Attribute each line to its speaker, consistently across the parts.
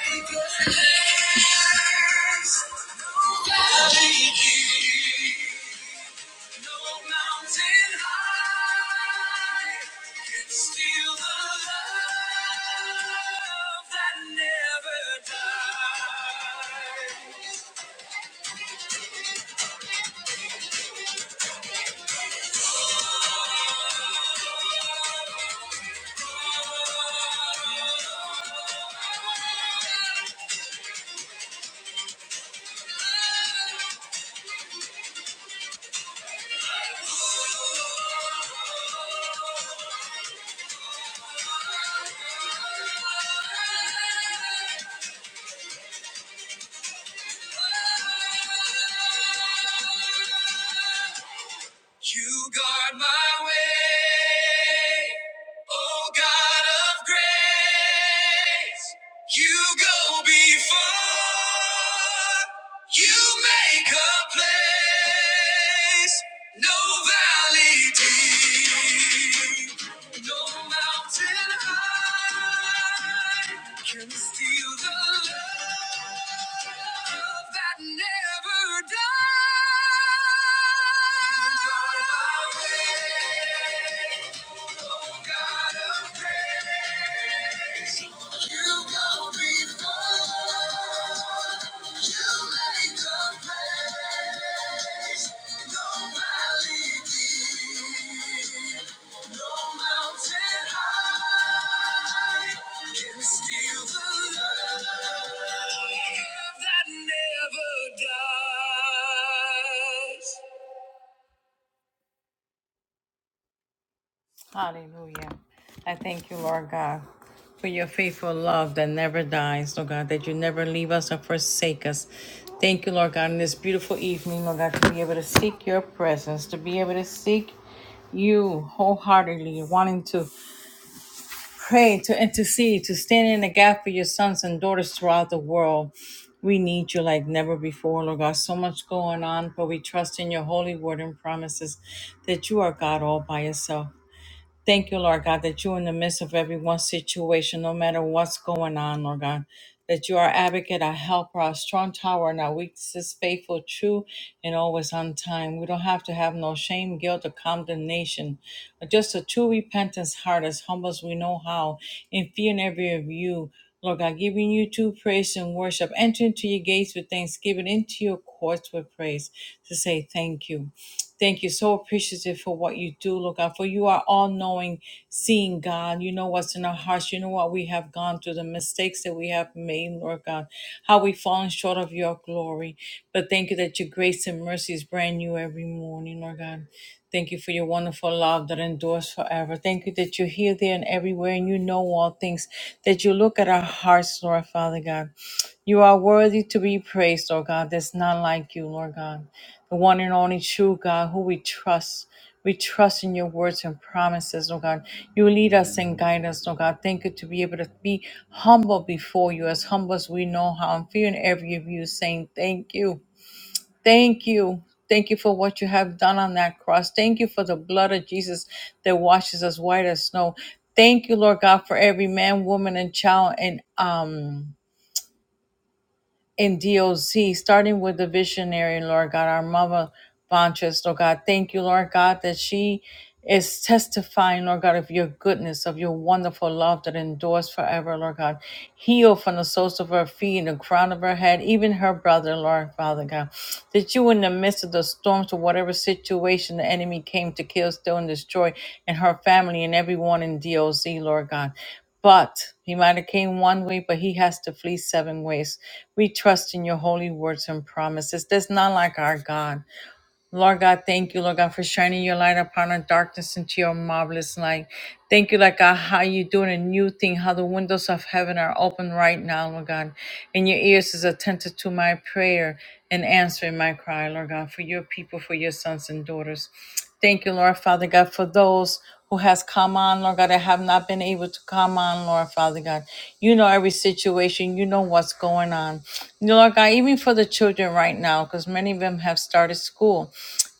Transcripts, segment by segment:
Speaker 1: Still the love that never dies. You guard my way, oh God of grace. You go before, you make a place, no valley deep. No mountain high can steal the love that never dies. You are my way, oh God of grace. You go before, you make the place. No valley deep. No Hallelujah. I thank you, Lord God, for your faithful love that never dies, Lord God, that you never leave us or forsake us. Thank you, Lord God, in this beautiful evening, Lord God, to be able to seek your presence, to be able to seek you wholeheartedly, wanting to pray, to intercede, to stand in the gap for your sons and daughters throughout the world. We need you like never before, Lord God. So much going on, but we trust in your holy word and promises that you are God all by yourself. Thank you, Lord God, that you're in the midst of everyone's situation, no matter what's going on, Lord God. That you are advocate, our helper, our strong tower, and our weakness, faithful, true, and always on time. We don't have to have no shame, guilt, or condemnation, but just a true repentance heart as humble as we know how, in fear and every of you. Lord God, giving you true praise and worship. Enter into your gates with thanksgiving, into your courts with praise to say thank you. Thank you. So appreciative for what you do, Lord God. For you are all knowing, seeing God. You know what's in our hearts. You know what we have gone through, the mistakes that we have made, Lord God, how we've fallen short of your glory. But thank you that your grace and mercy is brand new every morning, Lord God. Thank you for your wonderful love that endures forever. Thank you that you're here, there, and everywhere, and you know all things, that you look at our hearts, Lord Father God. You are worthy to be praised, Lord God. That's not like you, Lord God. The one and only true God who we trust. We trust in your words and promises, Lord God. You lead us and guide us, Lord God. Thank you to be able to be humble before you, as humble as we know how, and fear in every of you, saying thank you. Thank you. Thank you for what you have done on that cross. Thank you for the blood of Jesus that washes us white as snow. Thank you, Lord God, for every man, woman, and child and um in DOC, starting with the visionary, Lord God, our mother Bonchest, Lord God. Thank you, Lord God, that she is testifying, Lord God, of your goodness, of your wonderful love that endures forever, Lord God. Heal from the soles of her feet and the crown of her head, even her brother, Lord Father God. That you, in the midst of the storms or whatever situation the enemy came to kill, steal, and destroy, and her family and everyone in DOC, Lord God. But he might have came one way, but he has to flee seven ways. We trust in your holy words and promises. There's none like our God. Lord God, thank you, Lord God, for shining your light upon our darkness into your marvelous light. Thank you, Lord God, how you're doing a new thing, how the windows of heaven are open right now, Lord God. And your ears is attentive to my prayer and answering my cry, Lord God, for your people, for your sons and daughters. Thank you, Lord Father God, for those who has come on, Lord God, that have not been able to come on, Lord Father God. You know every situation. You know what's going on. Lord God, even for the children right now, because many of them have started school.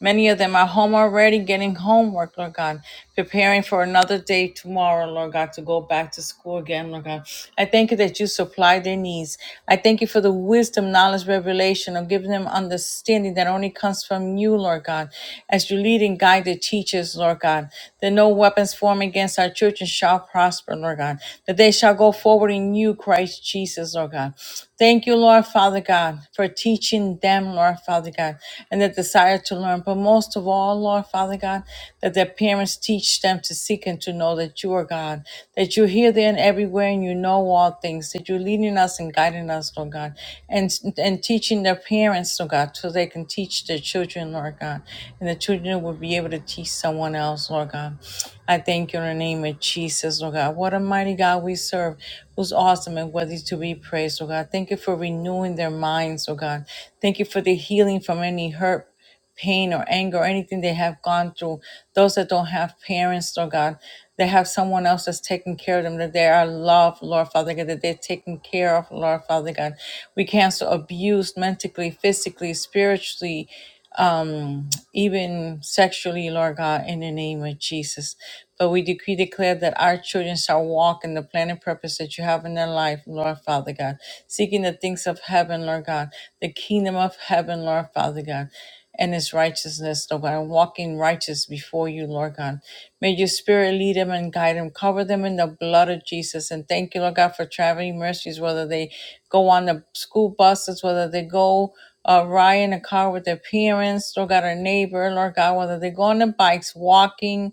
Speaker 1: Many of them are home already getting homework, Lord God, preparing for another day tomorrow, Lord God, to go back to school again, Lord God. I thank you that you supply their needs. I thank you for the wisdom, knowledge, revelation, of giving them understanding that only comes from you, Lord God as you lead and guide the teachers, Lord God, that no weapons formed against our children shall prosper, Lord God, that they shall go forward in you, Christ Jesus, Lord God. Thank you, Lord Father God, for teaching them, Lord Father God, and the desire to learn. But most of all, Lord Father God, that their parents teach them to seek and to know that you are God, that you're here, there, and everywhere, and you know all things, that you're leading us and guiding us, Lord God, and, and teaching their parents, Lord God, so they can teach their children, Lord. Lord God, and the children will be able to teach someone else, Lord God. I thank you in the name of Jesus, Lord God. What a mighty God we serve, who's awesome and worthy to be praised, Lord God. Thank you for renewing their minds, Lord God. Thank you for the healing from any hurt, pain, or anger, or anything they have gone through. Those that don't have parents, Lord God, they have someone else that's taking care of them, that they are loved, Lord Father God, that they're taken care of, Lord Father God. We cancel abuse mentally, physically, spiritually, um, even sexually, Lord God, in the name of Jesus. But we decree, declare that our children shall walk in the plan and purpose that you have in their life, Lord Father God, seeking the things of heaven, Lord God, the kingdom of heaven, Lord Father God, and its righteousness, Lord God, and walking righteous before you, Lord God. May your spirit lead them and guide them, cover them in the blood of Jesus. And thank you, Lord God, for traveling mercies, whether they go on the school buses, whether they go uh, ride in a car with their parents, Lord God, our neighbor, Lord God, whether they go on their bikes, walking,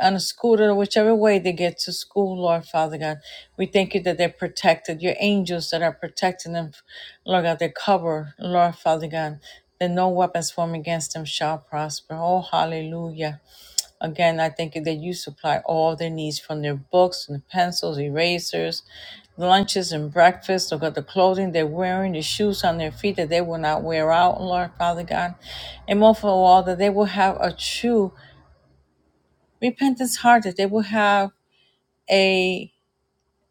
Speaker 1: on a scooter, whichever way they get to school, Lord Father God. We thank you that they're protected, your angels that are protecting them, Lord God, they're covered, Lord Father God, that no weapons formed against them shall prosper. Oh, hallelujah. Again, I think that you supply all their needs from their books and pencils, erasers, lunches and breakfast, or the clothing they're wearing, the shoes on their feet that they will not wear out, Lord Father God. And most of all, that they will have a true repentance heart, that they will have a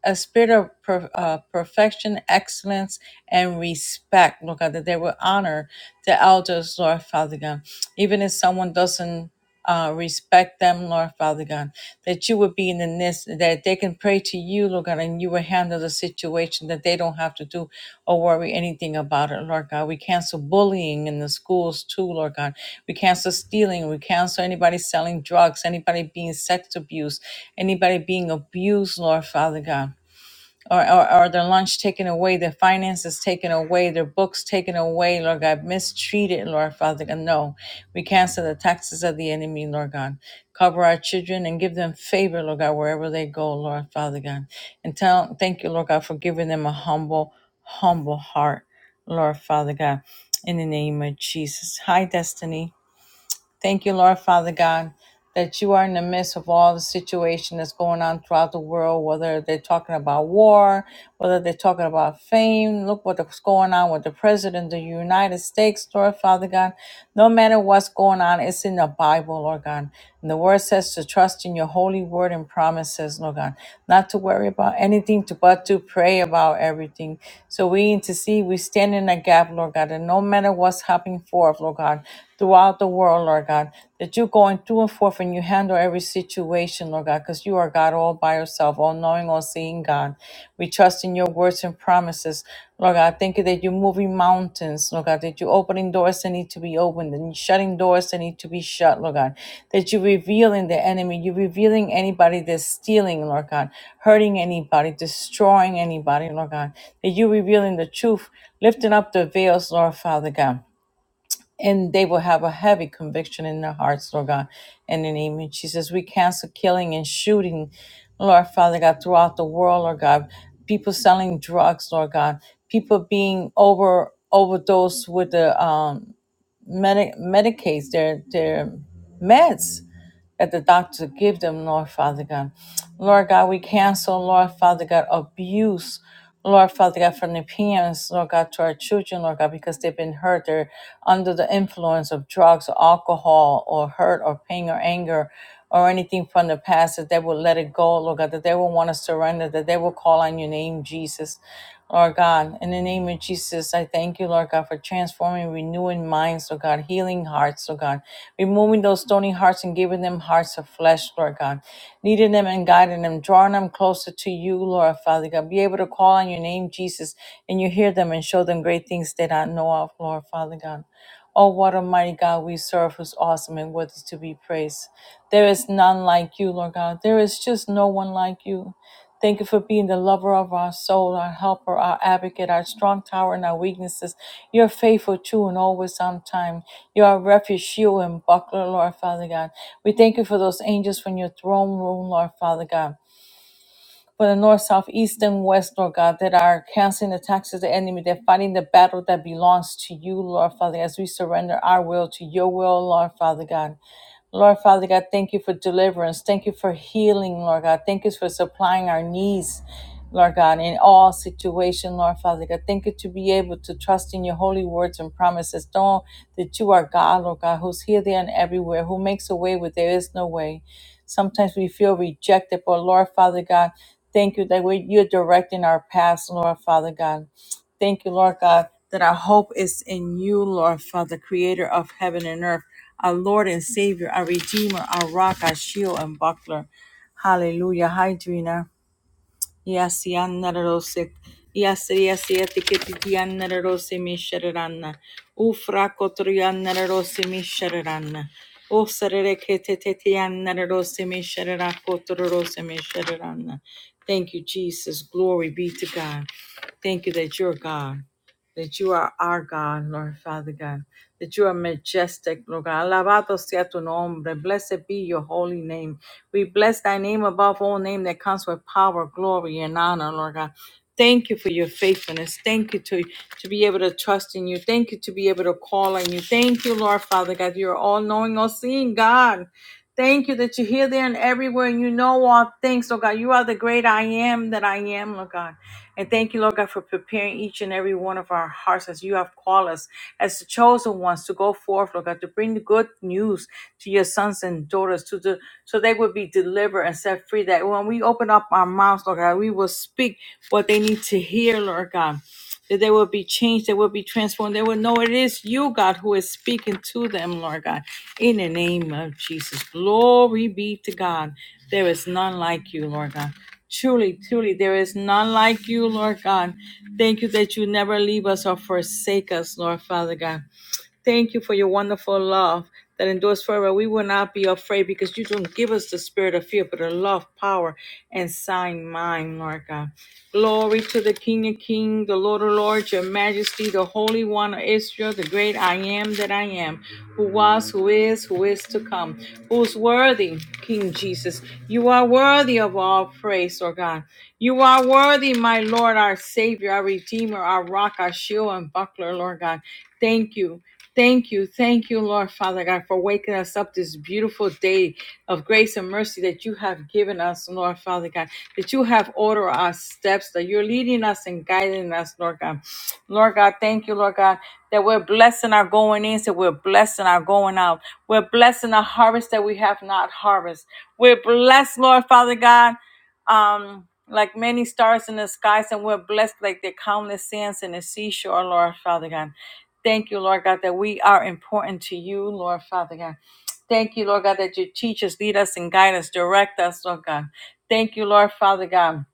Speaker 1: a spirit of per, uh, perfection, excellence, and respect, Lord God, that they will honor the elders, Lord Father God. Even if someone doesn't uh, respect them, Lord Father God, that you would be in the midst, that they can pray to you, Lord God, and you will handle the situation, that they don't have to do or worry anything about it, Lord God. We cancel bullying in the schools too, Lord God. We cancel stealing. We cancel anybody selling drugs, anybody being sex abused, anybody being abused, Lord Father God or, or, or their lunch taken away, their finances taken away, their books taken away, Lord God, mistreated, Lord Father God. No, we cancel the taxes of the enemy, Lord God. Cover our children and give them favor, Lord God, wherever they go, Lord Father God. And tell, thank you, Lord God, for giving them a humble, humble heart, Lord Father God, in the name of Jesus. Hi, Destiny. Thank you, Lord Father God, that you are in the midst of all the situation that's going on throughout the world, whether they're talking about war, whether they're talking about fame. Look what's going on with the President of the United States, Lord Father God. No matter what's going on, it's in the Bible, Lord God. And the word says to trust in your holy word and promises, Lord God. Not to worry about anything, to, but to pray about everything. So we intercede, we stand in a gap, Lord God, and no matter what's happening forth, Lord God throughout the world, Lord God, that you're going through and forth and you handle every situation, Lord God, because you are God all by yourself, all knowing, all seeing God. We trust in your words and promises. Lord God, thank you that you're moving mountains, Lord God, that you're opening doors that need to be opened and you're shutting doors that need to be shut, Lord God, that you're revealing the enemy, you're revealing anybody that's stealing, Lord God, hurting anybody, destroying anybody, Lord God, that you're revealing the truth, lifting up the veils, Lord Father God and they will have a heavy conviction in their hearts, Lord God, in the name of Jesus. We cancel killing and shooting, Lord Father God, throughout the world, Lord God. People selling drugs, Lord God. People being over overdosed with the um, medi- medicates, their their meds, that the doctor give them, Lord Father God. Lord God, we cancel, Lord Father God, abuse, Lord Father God, from the parents, Lord God, to our children, Lord God, because they've been hurt. They're under the influence of drugs or alcohol or hurt or pain or anger or anything from the past, that they will let it go, Lord God, that they will want to surrender, that they will call on your name, Jesus. Lord God, in the name of Jesus, I thank you, Lord God, for transforming, renewing minds, Lord God, healing hearts, Lord God, removing those stony hearts and giving them hearts of flesh, Lord God, leading them and guiding them, drawing them closer to you, Lord Father God. Be able to call on your name, Jesus, and you hear them and show them great things that I know of, Lord Father God. Oh, what a mighty God we serve, who's awesome and worthy to be praised. There is none like you, Lord God. There is just no one like you. Thank you for being the lover of our soul, our helper, our advocate, our strong tower, and our weaknesses. You're faithful, true, and always on time. You're our refuge, shield, and buckler, Lord Father God. We thank you for those angels from your throne room, Lord Father God for the north, south, east, and west, Lord God, that are canceling the attacks of the enemy. They're fighting the battle that belongs to you, Lord Father, as we surrender our will to your will, Lord Father God. Lord Father God, thank you for deliverance. Thank you for healing, Lord God. Thank you for supplying our needs, Lord God, in all situation, Lord Father God. Thank you to be able to trust in your holy words and promises. Know that you are God, Lord God, who's here, there, and everywhere, who makes a way where there is no way. Sometimes we feel rejected, but Lord Father God, Thank you that we, you're directing our paths, Lord Father God. Thank you, Lord God, that our hope is in you, Lord Father, creator of heaven and earth, our Lord and Savior, our Redeemer, our rock, our shield, and buckler. Hallelujah. Hi, Drina. Yes, yanarose. Yes, yes, yetikiyanarose misharana. Ufra kotriyanarose misharana. O sarereketetiyanarose mishara kotorose misharana. Thank you, Jesus. Glory be to God. Thank you that you're God, that you are our God, Lord Father God that you are majestic, Lord God. Alabado sea tu nombre. Blessed be your holy name. We bless thy name above all name that comes with power, glory, and honor, Lord God. Thank you for your faithfulness. Thank you to, to be able to trust in you. Thank you to be able to call on you. Thank you, Lord Father God. You're all knowing, all seeing God. Thank you that you're here, there, and everywhere, and you know all things, Lord God. You are the great I am that I am, Lord God. And thank you, Lord God, for preparing each and every one of our hearts as you have called us, as the chosen ones, to go forth, Lord God, to bring the good news to your sons and daughters, to the so they would be delivered and set free. That when we open up our mouths, Lord God, we will speak what they need to hear, Lord God that they will be changed, they will be transformed. They will know it is you, God, who is speaking to them, Lord God, in the name of Jesus. Glory be to God. There is none like you, Lord God. Truly, truly, there is none like you, Lord God. Thank you that you never leave us or forsake us, Lord Father God. Thank you for your wonderful love that endures forever. We will not be afraid because you don't give us the spirit of fear, but a love, power, and sound mind, Lord God. Glory to the King of Kings, the Lord of Lords, your majesty, the Holy One of Israel, the great I am that I am, who was, who is, who is to come, who's worthy, King Jesus. You are worthy of all praise, Lord God. You are worthy, my Lord, our Savior, our Redeemer, our rock, our shield, and buckler, Lord God. Thank you. Thank you. Thank you, Lord Father God, for waking us up this beautiful day of grace and mercy that you have given us, Lord Father God, that you have ordered our steps, that you're leading us and guiding us, Lord God. Lord God, thank you, Lord God, that we're blessing our going in, so we're blessing our going out. We're blessing our harvest that we have not harvest. We're blessed, Lord Father God um, like many stars in the skies, and we're blessed like the countless sands in the seashore, Lord Father God. Thank you, Lord God, that we are important to you, Lord Father God. Thank you, Lord God, that you teach us, lead us, and guide us, direct us, Lord God. Thank you, Lord Father God,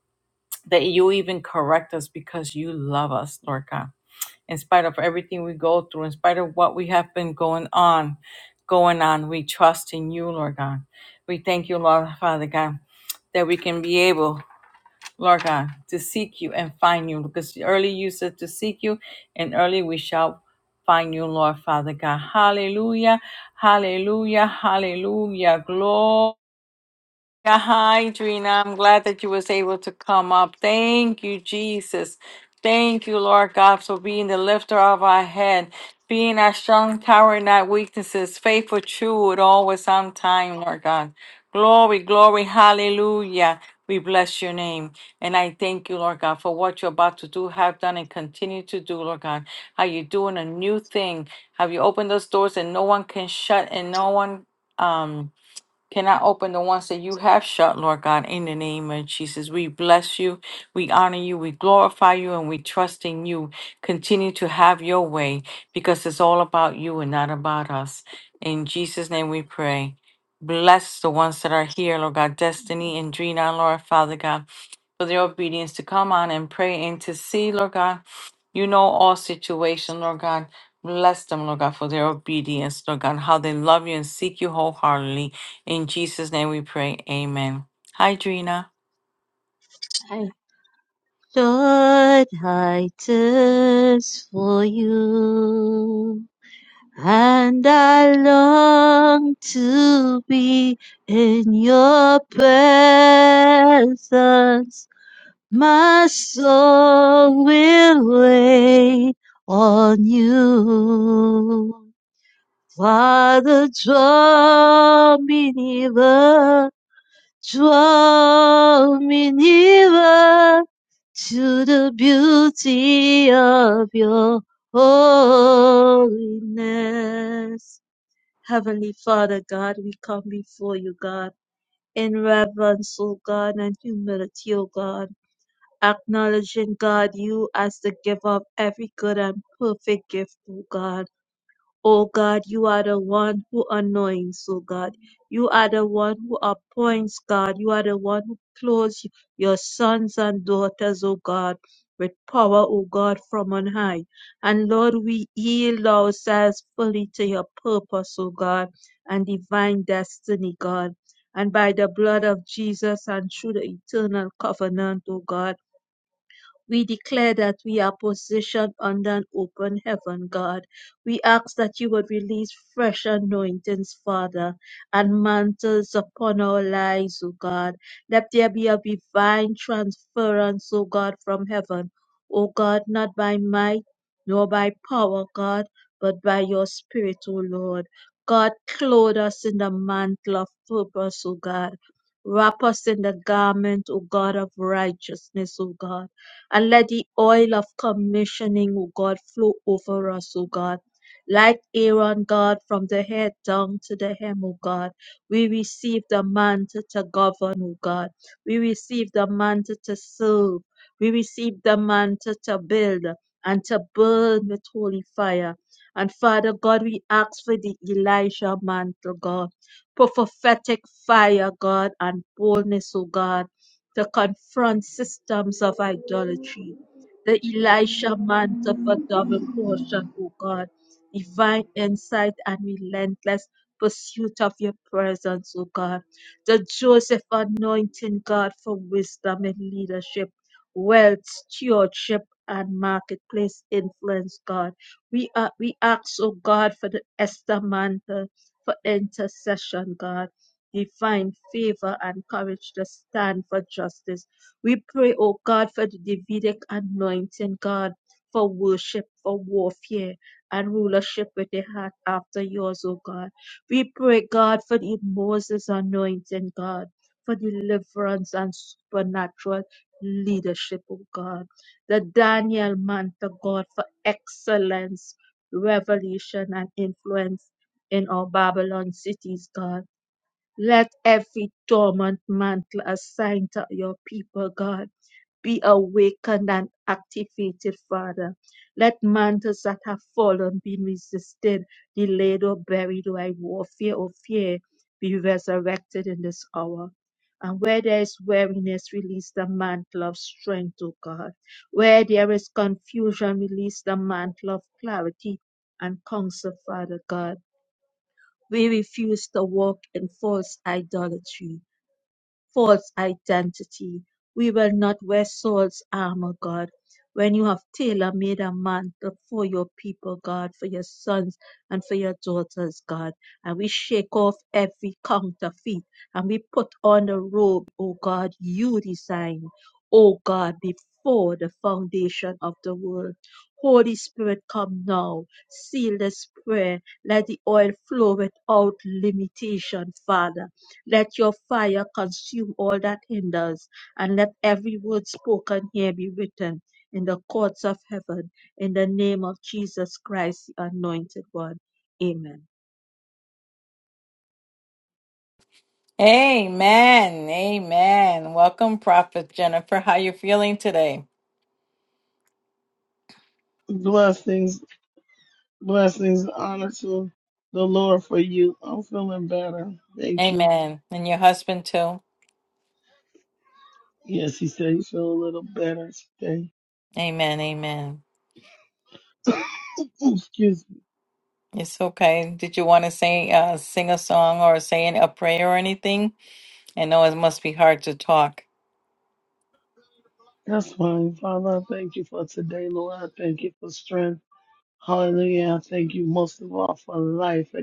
Speaker 1: that you even correct us because you love us, Lord God. In spite of everything we go through, in spite of what we have been going on, going on, we trust in you, Lord God. We thank you, Lord Father God, that we can be able Lord God, to seek you and find you, because early you said to seek you, and early we shall find you, Lord Father God. Hallelujah, hallelujah, hallelujah. Glory. Yeah, hi, Drina. I'm glad that you was able to come up. Thank you, Jesus. Thank you, Lord God, for being the lifter of our head, being our strong tower in our weaknesses, faithful, true, and always on time, Lord God. Glory, glory, hallelujah. We bless your name. And I thank you, Lord God, for what you're about to do, have done, and continue to do, Lord God. How you're doing a new thing. Have you opened those doors and no one can shut and no one um can I open the ones that you have shut, Lord God, in the name of Jesus? We bless you, we honor you, we glorify you, and we trust in you. Continue to have your way because it's all about you and not about us. In Jesus' name we pray. Bless the ones that are here, Lord God, Destiny and Drina, Lord Father God for their obedience to come on and pray and to see, Lord God. You know all situations, Lord God. Bless them, Lord God, for their obedience, Lord God, how they love you and seek you wholeheartedly. In Jesus' name we pray. Amen. Hi, Drina.
Speaker 2: I thought I thirst for you, and I long to be in your presence. My soul will wait on you. Father, draw me nearer Draw me nearer to the beauty of your holiness. Heavenly Father God, we come before you, God, in reverence, O God, and humility, O God, acknowledging, God, you as the giver of every good and perfect gift, O God. O God, you are the one who anoints, O God. You are the one who appoints, God. You are the one who clothes your sons and daughters, O God, with power, O God, from on high. And Lord, we yield ourselves fully to your purpose, O God, and divine destiny, God. And by the blood of Jesus and through the eternal covenant, O God. We declare that we are positioned under an open heaven, God. We ask that you would release fresh anointings, Father, and mantles upon our lives, O God. Let there be a divine transference, O God, from heaven. O God, not by might nor by power, God, but by your Spirit, O Lord. God, clothe us in the mantle of purpose, O God. Wrap us in the garment, O God, of righteousness, O God. And let the oil of commissioning, O God, flow over us, O God. Like Aaron, God, from the head down to the hem, O God. We receive the mantle to govern, O God. We receive the mantle to serve. We receive the mantle to build and to burn with holy fire. And Father God, we ask for the Elijah mantle, God, for prophetic fire, God, and boldness, O God to confront systems of idolatry. The Elisha mantle for double portion, O God, divine insight and relentless pursuit of your presence, O God. The Joseph anointing, God, for wisdom and leadership, wealth, stewardship, and marketplace influence, God. We, are, we ask, O God, for the Esther mantle for intercession, God he find favor and courage to stand for justice. We pray, O God, for the Davidic anointing, God, for worship, for warfare, and rulership with a heart after yours, O God. We pray, God, for the Moses anointing, God, for deliverance and supernatural leadership, O God. The Daniel mantle, God, for excellence, revelation, and influence in our Babylon cities, God. Let every dormant mantle assigned to your people, God, be awakened and activated, Father. Let mantles that have fallen, been resisted, delayed, or buried by warfare or fear be resurrected in this hour. And where there is weariness, release the mantle of strength, O God. Where there is confusion, release the mantle of clarity and counsel, Father God we refuse to walk in false idolatry false identity. We will not wear Saul's armor, God. When you have tailor made a mantle for your people, God, for your sons and for your daughters, God, and we shake off every counterfeit and we put on the robe, O God, you designed, O God, before the foundation of the world. Holy Spirit, come now. Seal this prayer. Let the oil flow without limitation, Father let your fire consume all that hinders, and let every word spoken here be written in the courts of heaven, in the name of Jesus Christ, the Anointed One. Amen.
Speaker 1: Amen. Amen. Welcome, Prophet Jennifer. How you feeling today?
Speaker 3: Blessings, blessings, honor to the Lord for you. I'm feeling better. Thank you.
Speaker 1: Amen. And your husband too.
Speaker 3: Yes, he said he feel a little better today.
Speaker 1: Amen. Amen.
Speaker 3: Excuse me.
Speaker 1: It's okay. Did you want to say, uh, sing a song or say a prayer or anything? I know it must be hard to talk.
Speaker 3: That's fine, Father. I thank you for today, Lord. I thank you for strength. Hallelujah. I thank you most of all for life.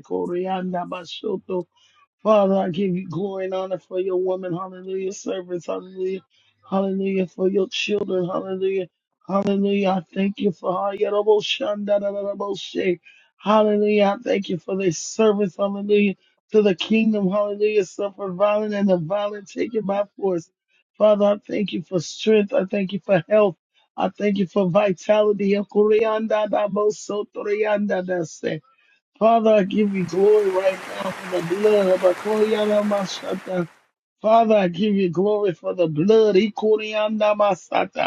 Speaker 3: Father, I give you glory and honor for your woman. Hallelujah. Servants. Hallelujah. Hallelujah. For your children. Hallelujah. Hallelujah. I thank you for Hallelujah. Hallelujah. I thank you for their service. Hallelujah. To the kingdom. Hallelujah. Suffer violent and the violent take it by force. Father, I thank you for strength. I thank you for health. I thank you for vitality. Father, I give you glory right now for the blood. Abakuriana Masata. Father, I give you glory for the blood. Ikuriana Masata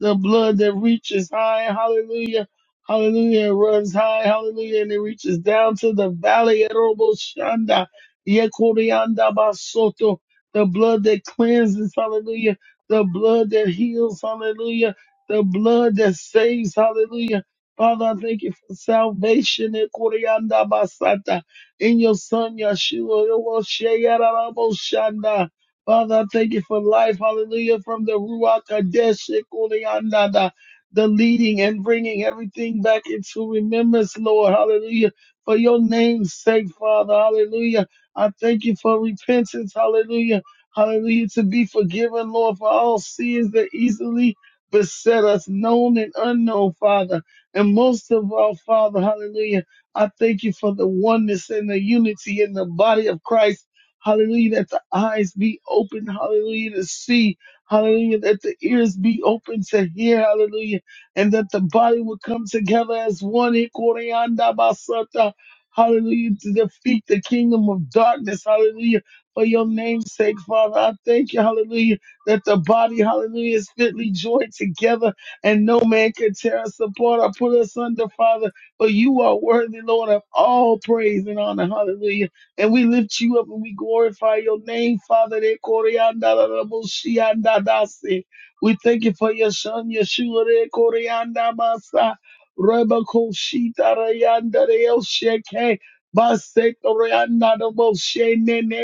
Speaker 3: the blood that reaches high, hallelujah, hallelujah, it runs high, hallelujah, and it reaches down to the valley, Erobo Shanda, Yekorianda Basoto, the blood that cleanses, hallelujah, the blood that heals, hallelujah, the blood that saves, hallelujah. Father, I thank you for salvation Ekorianda Basata, in your son Yeshua, Ewo Sheyarabo Shanda. Father, I thank you for life. Hallelujah. From the Ruach Kadesh, Shekunianada, the leading and bringing everything back into remembrance, Lord. Hallelujah. For your name's sake, Father. Hallelujah. I thank you for repentance. Hallelujah. Hallelujah. To be forgiven, Lord, for all sins that easily beset us, known and unknown, Father. And most of all, Father, hallelujah. I thank you for the oneness and the unity in the body of Christ Hallelujah. That the eyes be open. Hallelujah. To see. Hallelujah. That the ears be open to hear. Hallelujah. And that the body will come together as one. Ikorianda basata. Hallelujah. To defeat the kingdom of darkness. Hallelujah. For your name's sake, Father, I thank you. Hallelujah. That the body, hallelujah, is fitly joined together and no man can tear us apart or put us under, Father. For you are worthy, Lord, of all praise and honor. Hallelujah. And we lift you up and we glorify your name, Father. De Koreanda da da bo shianda dasi. We thank you for your son, Yeshua. De Koreanda Masa. Reba Koshita Rayanda de El Sheke. Basek Koreanda da bo shene ne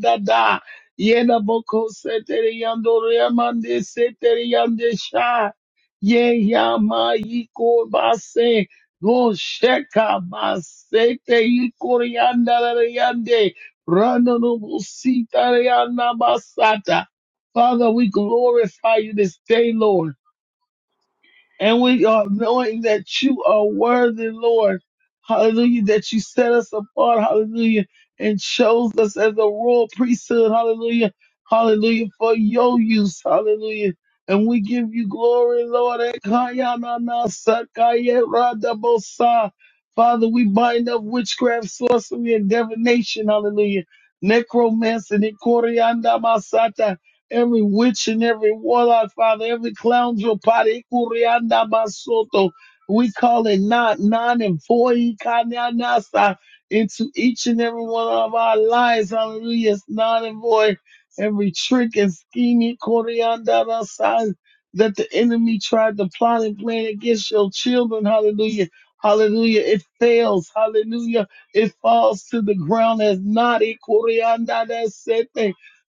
Speaker 3: da da. Yena boko setere yando remande sha. Ye yama yiko base. Gosheka masete ikorianda yande randa no busita rianda basata. Father, we glorify you this day, Lord. And we are knowing that you are worthy, Lord. Hallelujah. That you set us apart. Hallelujah. And chose us as a royal priesthood. Hallelujah. Hallelujah. For your use. Hallelujah. And we give you glory, Lord. Ekayanana Father, we bind up witchcraft, sorcery, and divination. Hallelujah. Necromancy. and every witch and every warlock, Father, every clown, your party, curianda basoto. We call it not non and void kanyanasa into each and every one of our lives. Hallelujah. It's non and void. Every trick and scheming corianda rasa that the enemy tried to plot and plan against your children. Hallelujah. Hallelujah. It fails. Hallelujah. It falls to the ground as not a corianda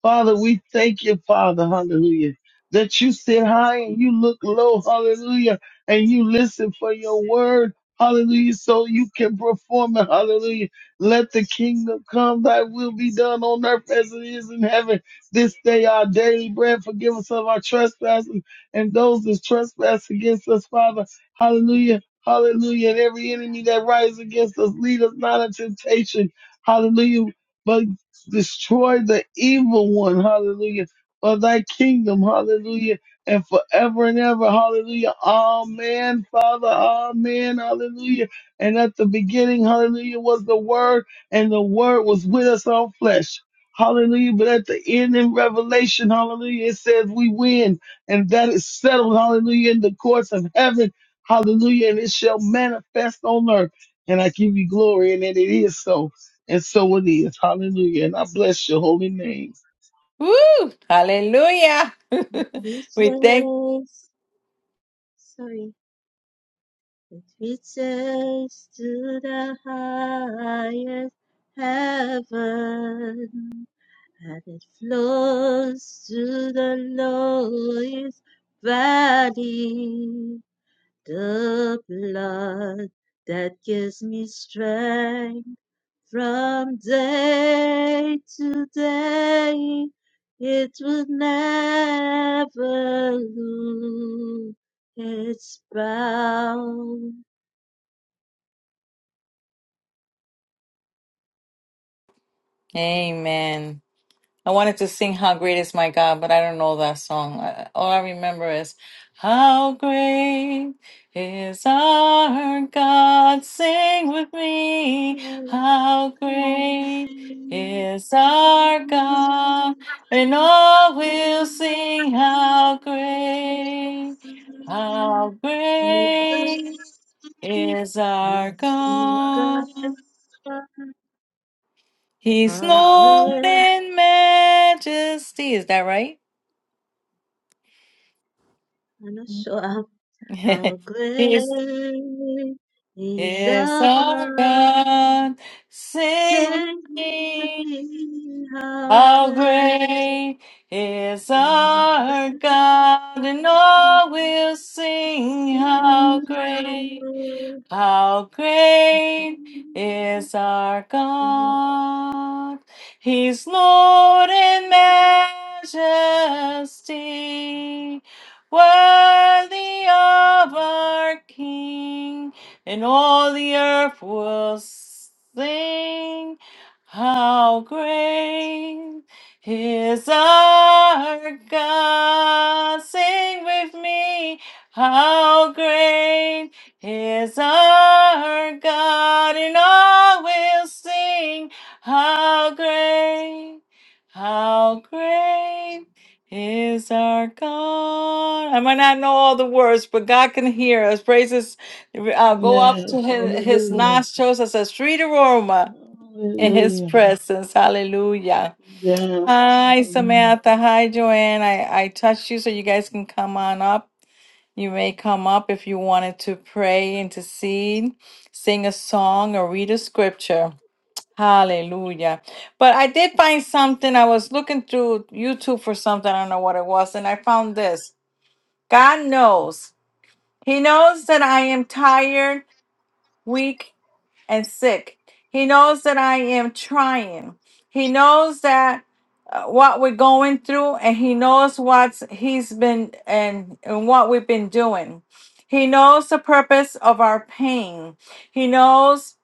Speaker 3: Father, we thank you, Father, hallelujah, that you sit high and you look low, hallelujah, and you listen for your word, hallelujah, so you can perform it, hallelujah. Let the kingdom come, thy will be done on earth as it is in heaven. This day our daily bread, forgive us of our trespasses and those that trespass against us, Father, hallelujah. Hallelujah. And every enemy that rises against us, lead us not into temptation. Hallelujah But destroy the evil one, hallelujah, for thy kingdom, hallelujah, and forever and ever, hallelujah, amen, Father, amen, hallelujah. And at the beginning, hallelujah, was the word, and the word was with us on flesh. Hallelujah. But at the end in Revelation, hallelujah, it says we win. And that is settled, hallelujah, in the courts of heaven. Hallelujah. And it shall manifest on earth. And I give you glory. And it is so. And so it is. Hallelujah. And I bless your holy name.
Speaker 1: Woo! Hallelujah.
Speaker 2: Jesus,
Speaker 1: we thank.
Speaker 2: sorry, it says to the highest heaven, and it flows to the lowest valley. the blood that gives me strength from day to day. It will never lose its bound.
Speaker 1: Amen. I wanted to sing How Great Is My God, but I don't know that song. I- All I remember is How Great Is Our God. Sing with me. How
Speaker 2: How
Speaker 1: great is our God. And all will sing How great, how great is our God. He's Lord
Speaker 2: great,
Speaker 1: in majesty. Is that right?
Speaker 2: I'm not sure, um, how
Speaker 1: is
Speaker 2: great is
Speaker 1: is
Speaker 2: our
Speaker 1: our
Speaker 2: God.
Speaker 1: God. Sing with
Speaker 2: Sing with
Speaker 1: me.
Speaker 2: me, how
Speaker 1: How
Speaker 2: great
Speaker 1: great is
Speaker 2: is
Speaker 1: our
Speaker 2: our
Speaker 1: God, and all
Speaker 2: God.
Speaker 1: will sing.
Speaker 2: See,
Speaker 1: How
Speaker 2: how good
Speaker 1: great. How great is our
Speaker 2: you
Speaker 1: God! He's Lord in majesty, worthy of our King, and all the earth will sing. How great is our God! Sing with me, how great! is our God, and all will sing how great, how great is our God. I might not know all the words, but God can hear us. Praises uh, go up
Speaker 3: Yes.
Speaker 1: to his, his
Speaker 3: Hallelujah.
Speaker 1: nostrils as a sweet aroma in his
Speaker 3: Hallelujah.
Speaker 1: presence. Hallelujah.
Speaker 3: Yes.
Speaker 1: Hi,
Speaker 3: Hallelujah.
Speaker 1: Samantha. Hi, Joanne. I, I touched you so you guys can come on up. You may come up if you wanted to pray, intercede, sing a song, or read a scripture. Hallelujah. But I did find something. I was looking through YouTube for something. I don't know what it was. And I found this God knows. He knows that I am tired, weak, and sick. He knows that I am trying. He knows that uh, what we're going through and he knows what's he's been and, and what we've been doing. He knows the purpose of our pain. He knows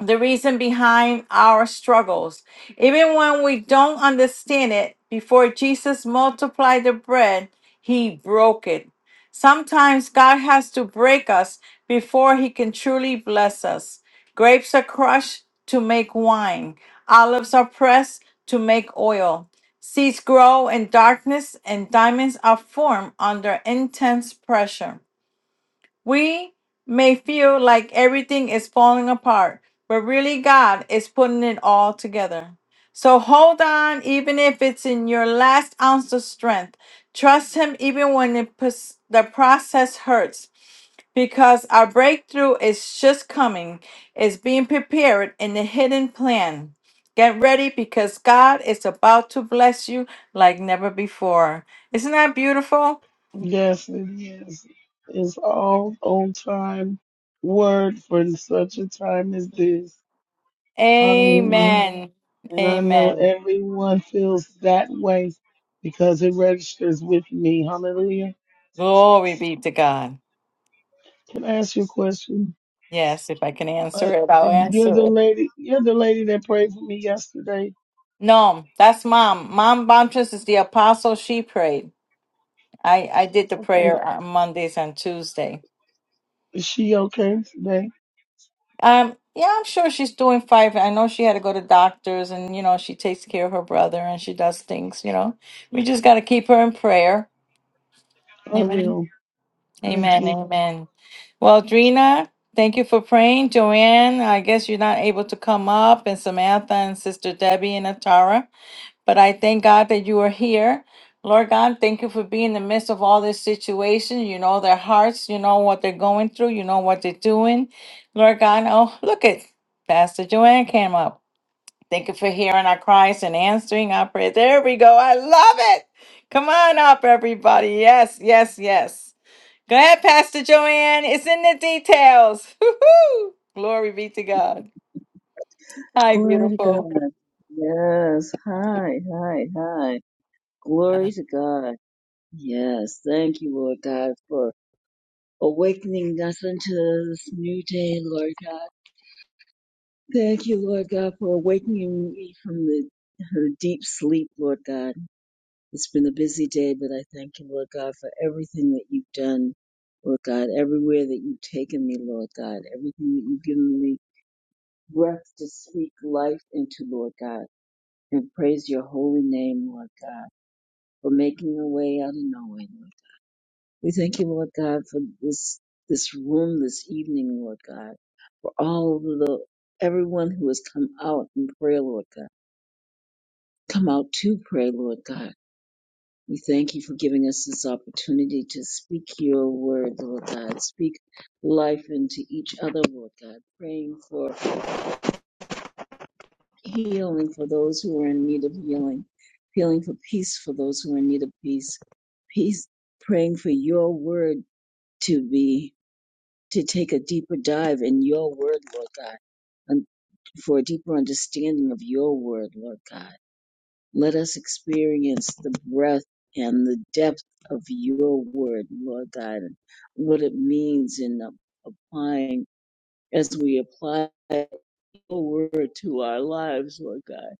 Speaker 1: the reason behind our struggles. Even when we don't understand it, before Jesus multiplied the bread, he broke it. Sometimes God has to break us before he can truly bless us. Grapes are crushed to make wine, olives are pressed to make oil. Seeds grow in darkness, and diamonds are formed under intense pressure. We may feel like everything is falling apart, but really God is putting it all together. So hold on, even if it's in your last ounce of strength. Trust Him even when the pos- the process hurts, because our breakthrough is just coming, is being prepared in the hidden plan. Get ready because God is about to bless you like never before. Isn't that beautiful?
Speaker 3: Yes, it is. It's all on time word for such a time as this. Hallelujah.
Speaker 1: Amen.
Speaker 3: And I know
Speaker 1: Amen.
Speaker 3: everyone feels that way because it registers with me. Hallelujah.
Speaker 1: Glory be to God.
Speaker 3: Can I ask you a question?
Speaker 1: Yes, if I can
Speaker 3: Uh,
Speaker 1: answer it, I'll
Speaker 3: you're
Speaker 1: answer
Speaker 3: the
Speaker 1: it.
Speaker 3: lady. You're the lady that prayed for me yesterday.
Speaker 1: No, that's mom. Mom Bontress is the apostle. She prayed. I, I did the
Speaker 3: Okay.
Speaker 1: prayer on Mondays and Tuesday.
Speaker 3: Is she okay today?
Speaker 1: Um, yeah, I'm sure she's doing fine. I know she had to go to doctors and, you know, she takes care of her brother and she does things, you know. We just got to keep her in prayer.
Speaker 3: I
Speaker 1: Amen.
Speaker 3: will. Thank
Speaker 1: Amen.
Speaker 3: you.
Speaker 1: Amen. Well, Drina, thank you for praying. Joanne, I guess you're not able to come up, and Samantha and Sister Debbie and Atara. But I thank God that you are here. Lord God, thank you for being in the midst of all this situation. You know their hearts, you know what they're going through, you know what they're doing. Lord God, oh, look at Pastor Joanne came up. Thank you for hearing our cries and answering our prayers. There we go. I love it. Come on up, everybody. Yes, yes, yes. Go ahead, Pastor Joanne. It's in the details. Woo-hoo. Glory be to God. Hi,
Speaker 4: Glory to
Speaker 1: beautiful.
Speaker 4: God. Yes. Hi, hi, hi. Glory to God. Yes. Thank you, Lord God, for awakening us into this new day, Lord God. Thank you, Lord God, for awakening me from the her deep sleep, Lord God. It's been a busy day, but I thank you, Lord God, for everything that you've done, Lord God, everywhere that you've taken me, Lord God, everything that you've given me breath to speak life into, Lord God, and praise your holy name, Lord God. for making a way out of no way, Lord. We thank you, Lord God, for this this room this evening, Lord God, for all the everyone who has come out in prayer, Lord God. Come out to pray, Lord God. We thank you for giving us this opportunity to speak your word, Lord God. Speak life into each other, Lord God. Praying for healing for those who are in need of healing. Healing for peace for those who are in need of peace. Peace, praying for your word to be to take a deeper dive in your word, Lord God, and for a deeper understanding of your word, Lord God. Let us experience the breadth and the depth of your word, Lord God, and what it means in applying as we apply your word to our lives, Lord God.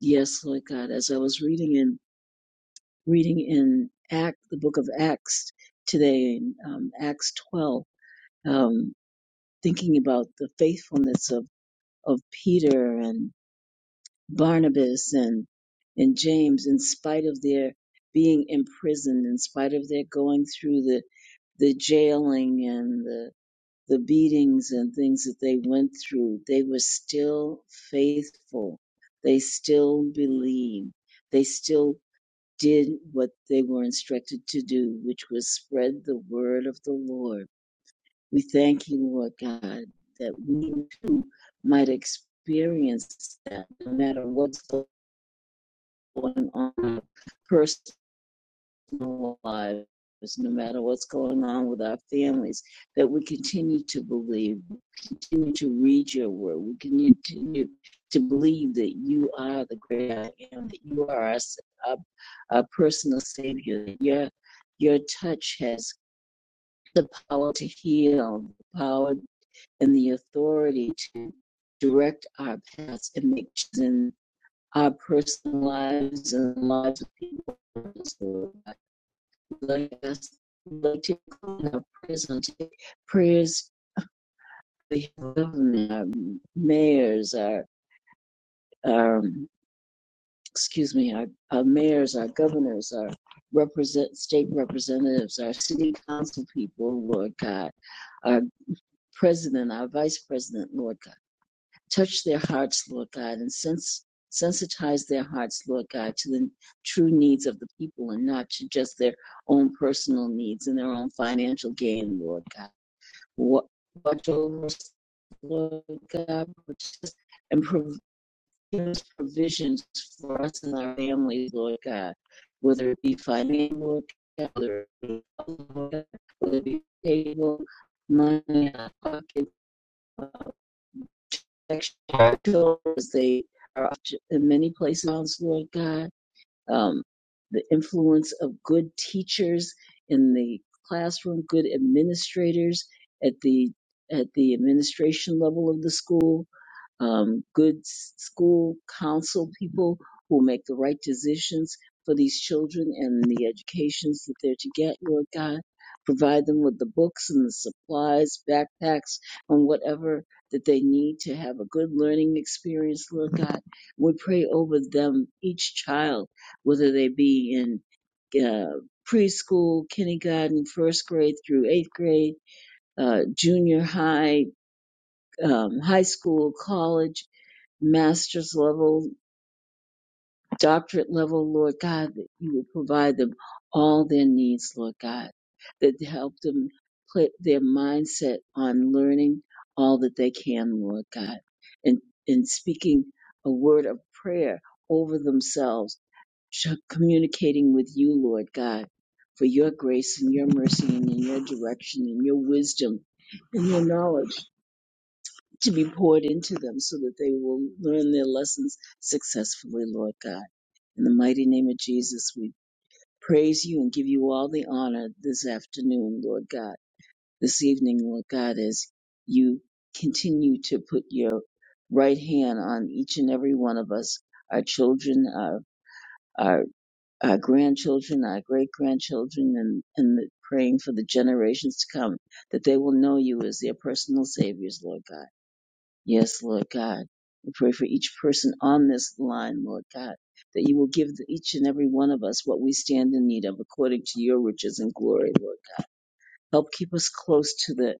Speaker 4: Yes, Lord God, as I was reading in reading in Act the book of Acts today, in um, Acts twelve, um, thinking about the faithfulness of of Peter and Barnabas and and James, in spite of their being imprisoned, in spite of their going through the the jailing and the the beatings and things that they went through, they were still faithful. They still believed. They still did what they were instructed to do, which was spread the word of the Lord we thank you, Lord God, that we too might experience that no matter what's going on in our personal lives, no matter what's going on with our families, that we continue to believe, continue to read your word, we continue to believe that you are the great I am, that you are our, our, our personal savior, that your, your touch has the power to heal, the power and the authority to direct our paths and make choices in our personal lives and the lives of people. Let us let you include our prayers, prayers for the government, our mayors, our um, excuse me, our, our mayors, our governors, our represent state representatives, our city council people, Lord God, our president, our vice president, Lord God. touch their hearts, Lord God, and sense, sensitize their hearts, Lord God, to the true needs of the people and not to just their own personal needs and their own financial gain, Lord God. Watch over us, Lord God, and prov- give us provisions for us and our families, Lord God, whether it be financial, Lord God, whether it be, whether it be table, money, pocket, protection. Our as they are in many places, Lord God um, the influence of good teachers in the classroom, good administrators at the at the administration level of the school, um, good s- school council people who make the right decisions for these children and the educations that they're to get, Lord God. Provide them with the books and the supplies, backpacks, and whatever that they need to have a good learning experience, Lord God. We pray over them, each child whether they be in uh, preschool, kindergarten, first grade through eighth grade, uh, junior high, um, high school, college, master's level, doctorate level, Lord God, that you would provide them all their needs, Lord God, that help them put their mindset on learning all that they can, Lord God, and, and speaking a word of prayer over themselves sh- communicating with you, Lord God, for your grace and your mercy and in your direction and your wisdom and your knowledge to be poured into them so that they will learn their lessons successfully, Lord God. In the mighty name of Jesus, we praise you and give you all the honor this afternoon, Lord God, this evening, Lord God, as you continue to put your right hand on each and every one of us, our children, our, our grandchildren, our great grandchildren, and, and the- praying for the generations to come that they will know you as their personal saviors, Lord God. Yes, Lord God. We pray for each person on this line, Lord God, that you will give the- each and every one of us what we stand in need of according to your riches and glory, Lord God. Help keep us close to the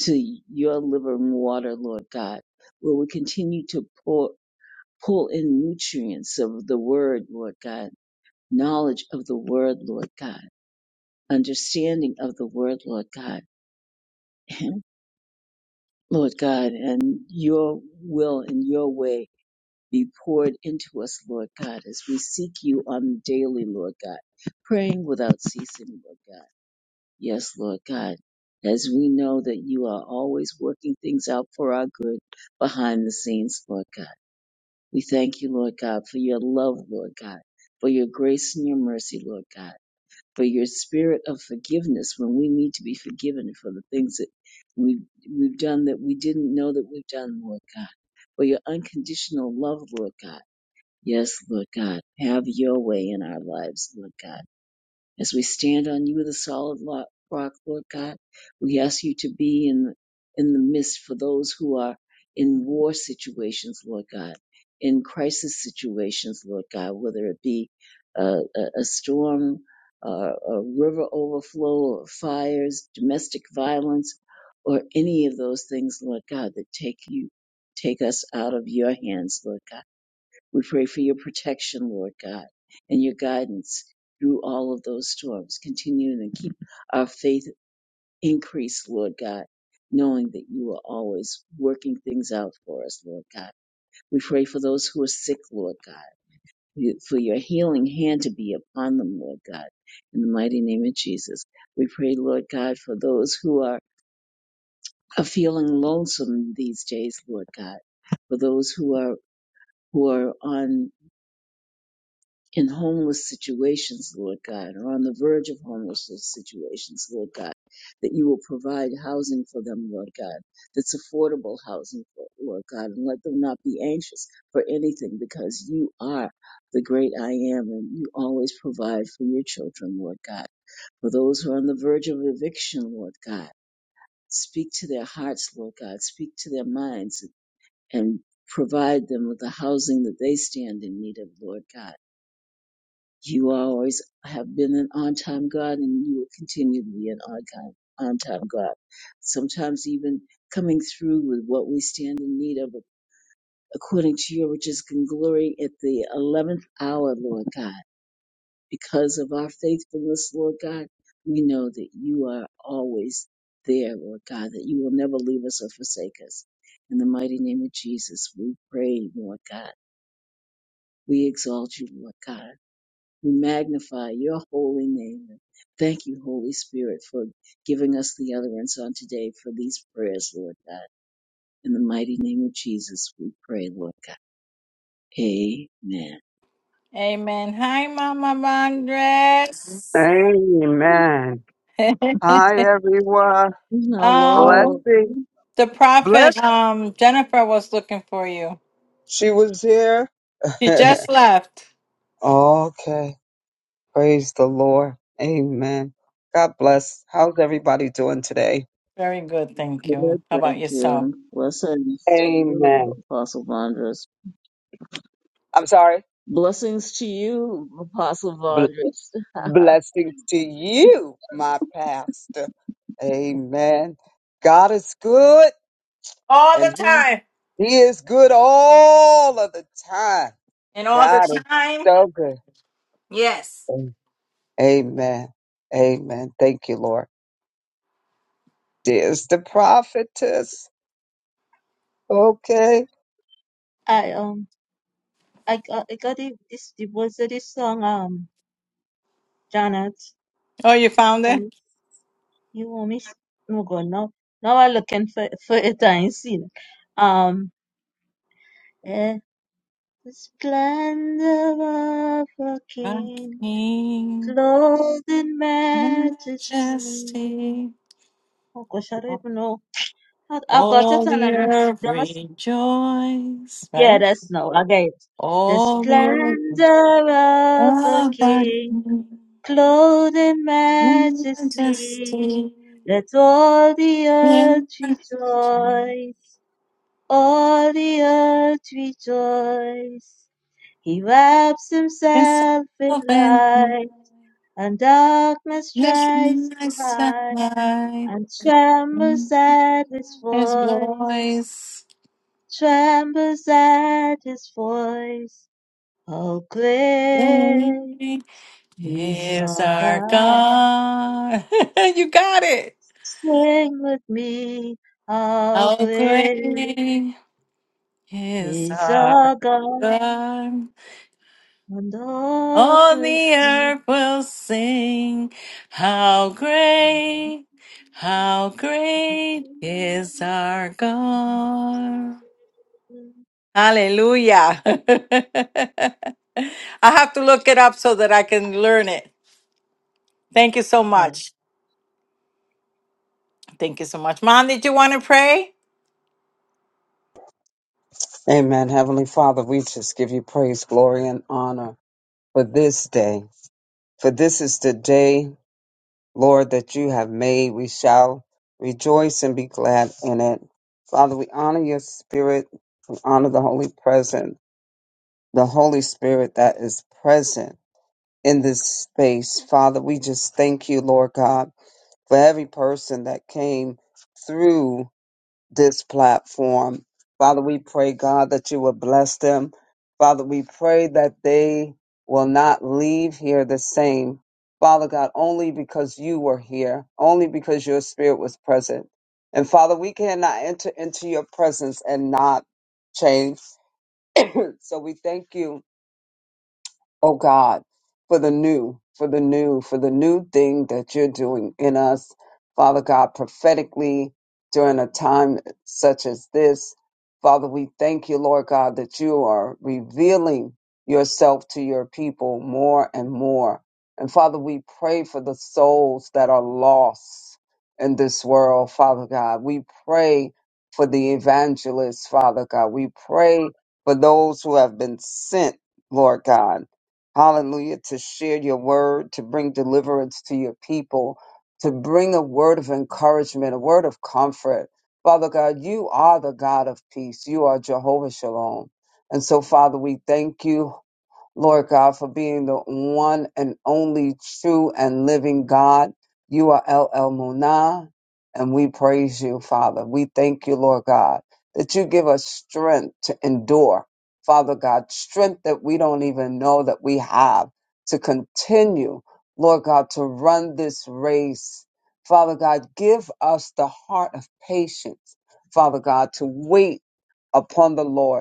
Speaker 4: to your living water, Lord God, where we continue to pour, pull in nutrients of the word, Lord God, knowledge of the word, Lord God understanding of the word, Lord God. And Lord God, and your will and your way be poured into us, Lord God, as we seek you on the daily, Lord God, praying without ceasing, Lord God. Yes, Lord God, as we know that you are always working things out for our good behind the scenes, Lord God. We thank you, Lord God, for your love, Lord God, for your grace and your mercy, Lord God. for your spirit of forgiveness when we need to be forgiven for the things that we we've done that we didn't know that we've done, Lord God. For your unconditional love, Lord God. Yes, Lord God. Have your way in our lives, Lord God as we stand on you, the solid lo- rock, Lord God, we ask you to be in, in the midst for those who are in war situations, Lord God, in crisis situations, Lord God, whether it be uh, a, a storm, uh, a river overflow, or fires, domestic violence, or any of those things, Lord God, that take you, take us out of your hands, Lord God. We pray for your protection, Lord God, and your guidance through all of those storms. Continue to keep our faith increased, Lord God, knowing that you are always working things out for us, Lord God. We pray for those who are sick, Lord God, you- for your healing hand to be upon them, Lord God, in the mighty name of Jesus. We pray, Lord God, for those who are, are feeling lonesome these days, Lord God, for those who are who are on in homeless situations, Lord God, or on the verge of homelessness situations, Lord God, that you will provide housing for them, Lord God, that's affordable housing, for Lord God, and let them not be anxious for anything because you are the great I am and you always provide for your children, Lord God. For those who are on the verge of eviction, Lord God, speak to their hearts, Lord God, speak to their minds and provide them with the housing that they stand in need of, Lord God you always have been an on time God and you will continue to be an on time, on time God. Sometimes even coming through with what we stand in need of according to your riches and glory at the 11th hour, Lord God. Because of our faithfulness, Lord God, we know that you are always there, Lord God, that you will never leave us or forsake us. In the mighty name of Jesus, we pray, Lord God. We exalt you, Lord God. We magnify your holy name. Thank you, Holy Spirit, for giving us the utterance on today for these prayers, Lord God. In the mighty name of Jesus, we pray, Lord God. Amen.
Speaker 1: Amen. Hi, Mama Andres.
Speaker 5: Amen. Hi, everyone.
Speaker 4: Hello.
Speaker 1: um,
Speaker 5: Blessing.
Speaker 1: the
Speaker 5: Bless.
Speaker 1: prophet, um, Jennifer was looking for you.
Speaker 5: She was here.
Speaker 1: She just left.
Speaker 5: okay. Praise the Lord. Amen. God bless. How's everybody doing today?
Speaker 1: Very good, thank you.
Speaker 4: Good,
Speaker 1: How about
Speaker 4: thank
Speaker 1: yourself?
Speaker 4: you. Blessings to you,
Speaker 5: Amen.
Speaker 4: Apostle Vondras.
Speaker 5: I'm sorry.
Speaker 4: Blessings to you, Apostle
Speaker 5: Bl-
Speaker 4: Vondras.
Speaker 5: blessings to you, my pastor. Amen. God is good
Speaker 1: All
Speaker 5: and
Speaker 1: the
Speaker 5: he,
Speaker 1: time.
Speaker 5: he is good all of the time.
Speaker 1: And all the
Speaker 5: God is
Speaker 1: time.
Speaker 5: so good.
Speaker 1: Yes.
Speaker 5: Amen. Amen. Thank you, Lord. Dear's the prophetess. Okay.
Speaker 2: are. I um I got I got it, this the words of this song um Janet
Speaker 1: Oh, you
Speaker 2: you
Speaker 1: found
Speaker 2: want
Speaker 1: it?
Speaker 2: me you want me s- no god now now I looking for for it I ain't seen um eh, the splendor of a king
Speaker 1: King
Speaker 2: clothed in majesty
Speaker 1: Majesty,
Speaker 2: oh gosh I don't even know I, I got it
Speaker 1: all
Speaker 2: and
Speaker 1: the earth
Speaker 2: then
Speaker 1: rejoice,
Speaker 2: Yeah,
Speaker 1: right?
Speaker 2: that's no. Okay. The
Speaker 1: All the earth
Speaker 2: splendor of a
Speaker 1: of our
Speaker 2: king,
Speaker 1: King
Speaker 2: clothed in majesty.
Speaker 1: Majesty.
Speaker 2: Let all the earth
Speaker 1: in
Speaker 2: rejoice. All the earth rejoice. He wraps
Speaker 1: Yes,
Speaker 2: himself in
Speaker 1: I've been
Speaker 2: light, and darkness
Speaker 1: yes,
Speaker 2: tries to
Speaker 1: my
Speaker 2: hide,
Speaker 1: side.
Speaker 2: and trembles at his
Speaker 1: His
Speaker 2: voice,
Speaker 1: voice
Speaker 2: trembles at his voice. All grace,
Speaker 1: is
Speaker 2: all
Speaker 1: our
Speaker 2: God,
Speaker 1: God. you got it.
Speaker 2: sing with me. All
Speaker 1: How
Speaker 2: grace,
Speaker 1: great is our
Speaker 2: all God,
Speaker 1: God?
Speaker 2: and all
Speaker 1: All
Speaker 2: the
Speaker 1: the
Speaker 2: sea.
Speaker 1: earth will sing. How great, how great is our God? Hallelujah. I have to look it up so that I can learn it. Thank you so much. Thank you so much. Mom, did you want to pray?
Speaker 5: Amen. Heavenly Father, we just give you praise, glory, and honor for this day. For this is the day, Lord, that you have made. We shall rejoice and be glad in it. Father, we honor your spirit. We honor the Holy Present, the Holy Spirit that is present in this space. Father, we just thank you, Lord God, for every person that came through this platform. Father, we pray, God, that you would bless them. Father, we pray that they will not leave here the same. Father God, only because you were here, only because your spirit was present. And Father, we cannot enter into your presence and not change. So we thank you oh God, for the new, for the new, for the new thing that you're doing in us, Father God, prophetically during a time such as this. Father, we thank you, Lord God, that you are revealing yourself to your people more and more. And Father, we pray for the souls that are lost in this world, Father God. We pray for the evangelists, Father God. We pray for those who have been sent, Lord God hallelujah, to share your word, to bring deliverance to your people, to bring a word of encouragement, a word of comfort. Father God, you are the God of peace. You are Jehovah Shalom. And so, Father, we thank you. Lord God, for being the one and only true and living God. You are El El and we praise you, Father. We thank you, Lord God, that you give us strength to endure, Father God, strength that we don't even know that we have to continue, Lord God, to run this race. Father God, give us the heart of patience, Father God, to wait upon the Lord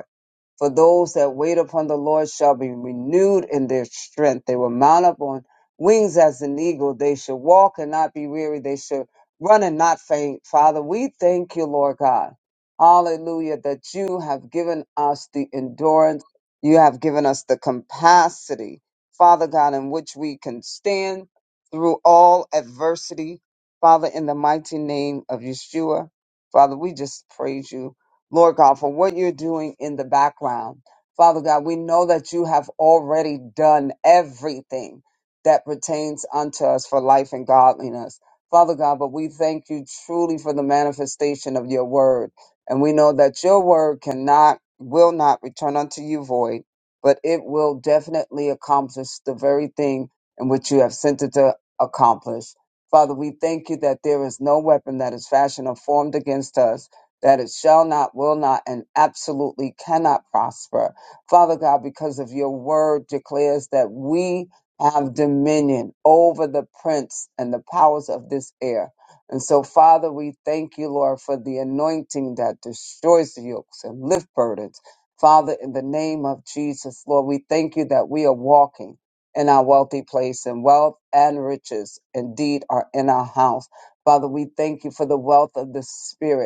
Speaker 5: for those that wait upon the Lord shall be renewed in their strength. They will mount up on wings as an eagle. They shall walk and not be weary. They shall run and not faint. Father, we thank you, Lord God. Hallelujah, that you have given us the endurance. You have given us the capacity, Father God, in which we can stand through all adversity. Father, in the mighty name of Yeshua, Father, we just praise you. Lord God, for what you're doing in the background. Father God, we know that you have already done everything that pertains unto us for life and godliness. Father God, but we thank you truly for the manifestation of your word. And we know that your word cannot, will not return unto you void, but it will definitely accomplish the very thing in which you have sent it to accomplish. Father, we thank you that there is no weapon that is fashioned or formed against us that it shall not, will not, and absolutely cannot prosper. Father God, because of your word declares that we have dominion over the prince and the powers of this air. And so, Father, we thank you, Lord, for the anointing that destroys the yokes and lift burdens. Father, in the name of Jesus, Lord, we thank you that we are walking in our wealthy place and wealth and riches indeed are in our house. Father, we thank you for the wealth of the Spirit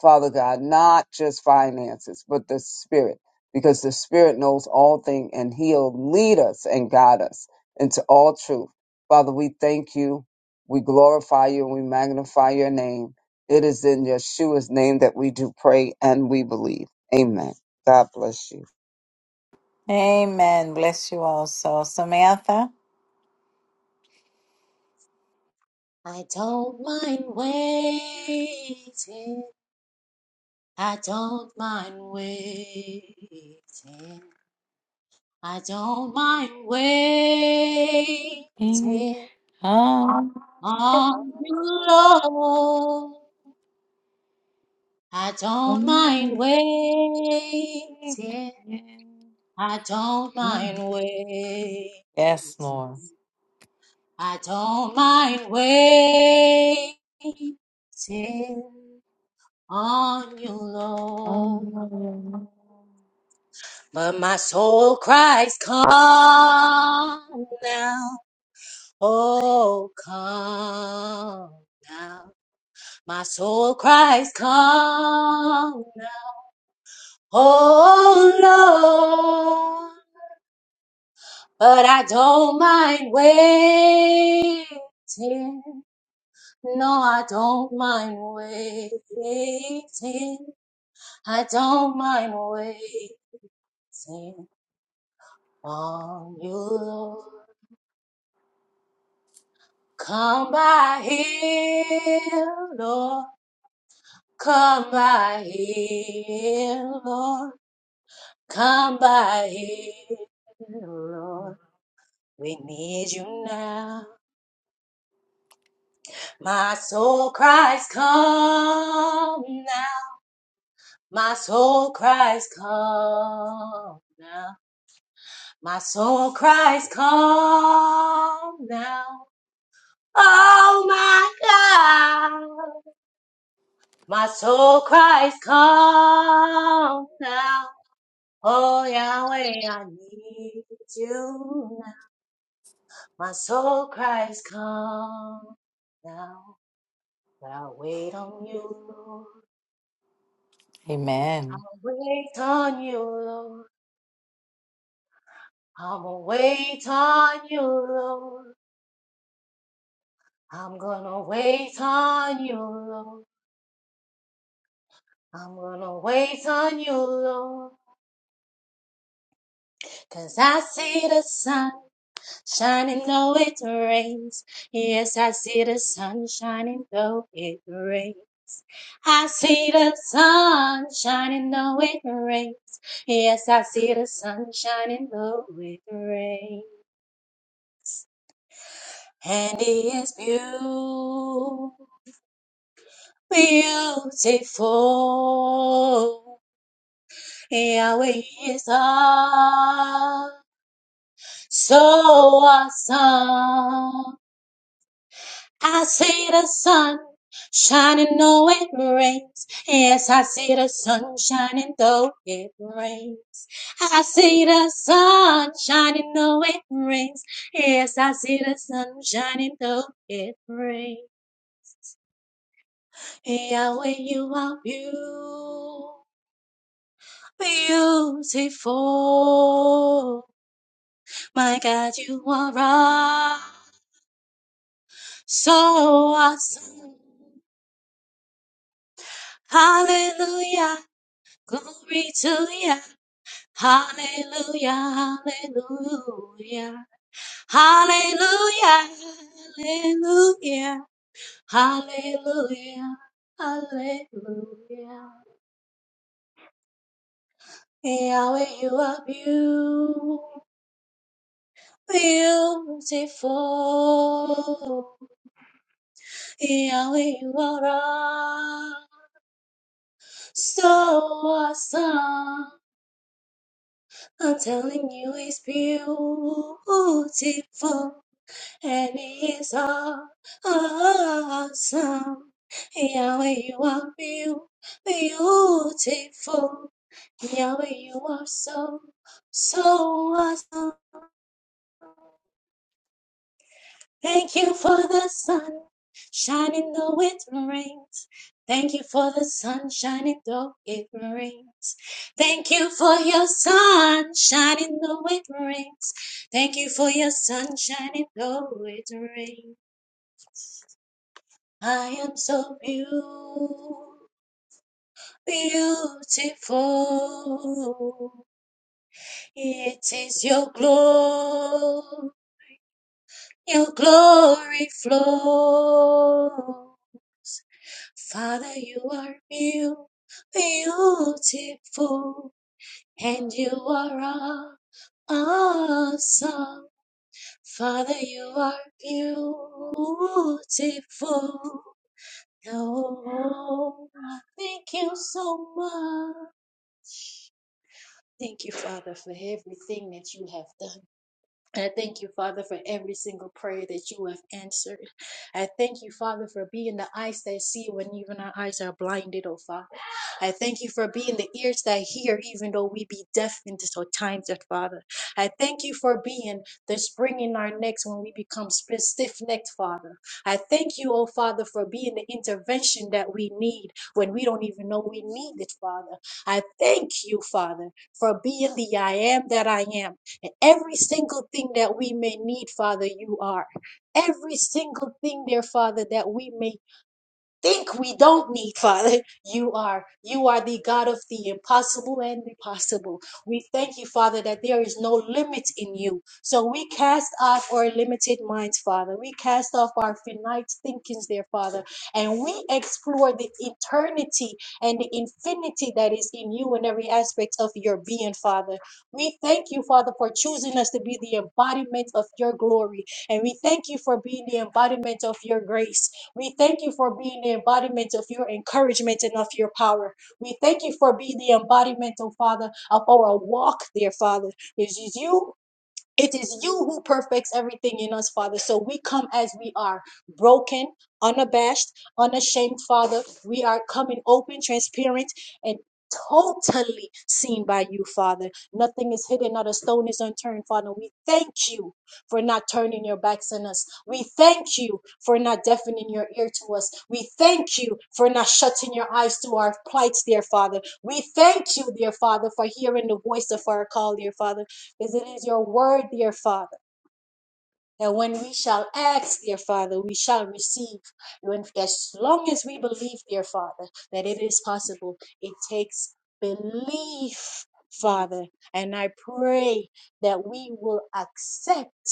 Speaker 5: Father God, not just finances, but the spirit, because the spirit knows all things and he'll lead us and guide us into all truth. Father, we thank you. We glorify you and we magnify your name. It is in Yeshua's name that we do pray and we believe. Amen. God bless you.
Speaker 1: Amen. Bless you also. Samantha.
Speaker 6: I don't mind waiting. I don't mind waiting. I don't mind waiting
Speaker 1: Ding. Um,
Speaker 6: on you, Lord. I don't mind waiting. I don't mind waiting.
Speaker 1: Yes, Lord.
Speaker 6: I don't mind waiting on you, Lord.
Speaker 1: Amen.
Speaker 6: But my soul cries, Come now, oh, come now. My soul cries, Come now, oh, Lord. But I don't mind waiting. No, I don't mind waiting. I don't mind waiting on you, Lord. Come by here, Lord. Come by here, Lord. Come by here, Lord. We need you now. My soul cries, come now. My soul cries, come now. My soul cries, come now. Oh my God. My soul cries, come now. Oh Yahweh, I need you now. My soul cries, come now. But I'll wait on you, Lord. I'll wait on you, Lord. I'm gonna wait on you, Lord. I'm gonna wait on you, Lord. I'm gonna wait on you, Lord, 'cause I see the sun. shining though it rains. Yes, I see the sun shining though it rains. I see the sun shining though it rains. Yes, I see the sun shining though it rains. And he is beautiful, beautiful. Yahweh is awesome, so awesome. I see the sun shining though it rains. Yes, I see the sun shining though it rains. I see the sun shining though it rains. Yes, I see the sun shining though it rains. Yahweh, you are beautiful. my God, you are so awesome. Hallelujah. Glory to ya. Hallelujah, hallelujah, hallelujah, hallelujah, hallelujah, hallelujah. Yahweh, you are beautiful. Yahweh, you are awe- so awesome. I'm telling you, it's beautiful. and it's all awesome. Yahweh, you are beau- beautiful. Yahweh, you are so, so awesome. Thank you for the sun shining though it rains. Thank you for the sun shining though it rains. Thank you for your sun shining though it rains. Thank you for your sun shining though it rains. I am so beautiful. It is your glory, your glory flow. Father, you are beautiful, and you are awesome. Father, you are beautiful. Oh, thank you so much. Thank you, Father, for everything that you have done. I thank you, Father, for every single prayer that you have answered. I thank you, Father, for being the eyes that see when even our eyes are blinded, oh Father. I thank you for being the ears that hear, even though we be deaf in this old times, that Father. I thank you for being the spring in our necks when we become stiff necked, Father. I thank you, oh Father, for being the intervention that we need when we don't even know we need it, Father. I thank you, Father, for being the I am that I am. And every single thing that we may need, Father, you are. Every single thing, dear Father, that we may think we don't need father you are you are the god of the impossible and the possible we thank you father that there is no limit in you so we cast off our limited minds father we cast off our finite thinkings there father and we explore the eternity and the infinity that is in you in every aspect of your being father we thank you father for choosing us to be the embodiment of your glory and we thank you for being the embodiment of your grace we thank you for being the embodiment of your encouragement and of your power. We thank you for being the embodiment, oh Father, of our walk, dear Father. It is you it is you who perfects everything in us, Father. So we come as we are, broken, unabashed, unashamed, Father. We are coming open, transparent, and totally seen by you, Father. Nothing is hidden, not a stone is unturned, Father. We thank you for not turning your backs on us. We thank you for not deafening your ear to us. We thank you for not shutting your eyes to our plights, dear Father. We thank you, dear Father, for hearing the voice of our call, dear Father. Is it is your word, dear Father, that when we shall ask, dear Father, we shall receive. When, as long as we believe, dear Father, that it is possible, it takes belief, Father. And I pray that we will accept.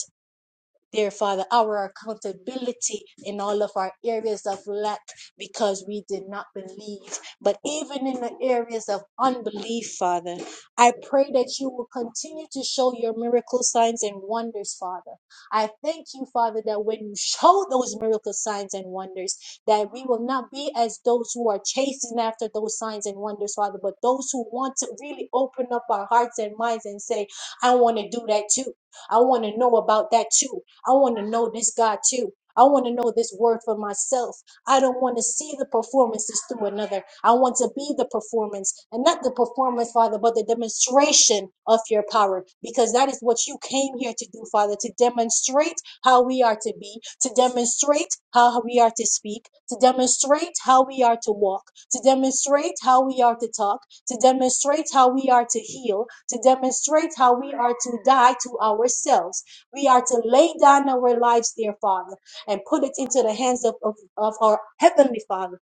Speaker 6: Dear Father, our accountability in all of our areas of lack because we did not believe. But even in the areas of unbelief, Father, I pray that you will continue to show your miracle signs and wonders, Father. I thank you, Father, that when you show those miracle signs and wonders, that we will not be as those who are chasing after those signs and wonders, Father, but those who want to really open up our hearts and minds and say, I want to do that too. I want to know about that too. I want to know this God too. I want to know this word for myself. I don't want to see the performances through another. I want to be the performance and not the performance, Father, but the demonstration of your power, because that is what you came here to do, Father, to demonstrate how we are to be, to demonstrate how we are to speak, to demonstrate how we are to walk, to demonstrate how we are to talk, to demonstrate how we are to heal, to demonstrate how we are to die to ourselves we are to lay down our lives, dear Father, and put it into the hands of, of, of our Heavenly Father.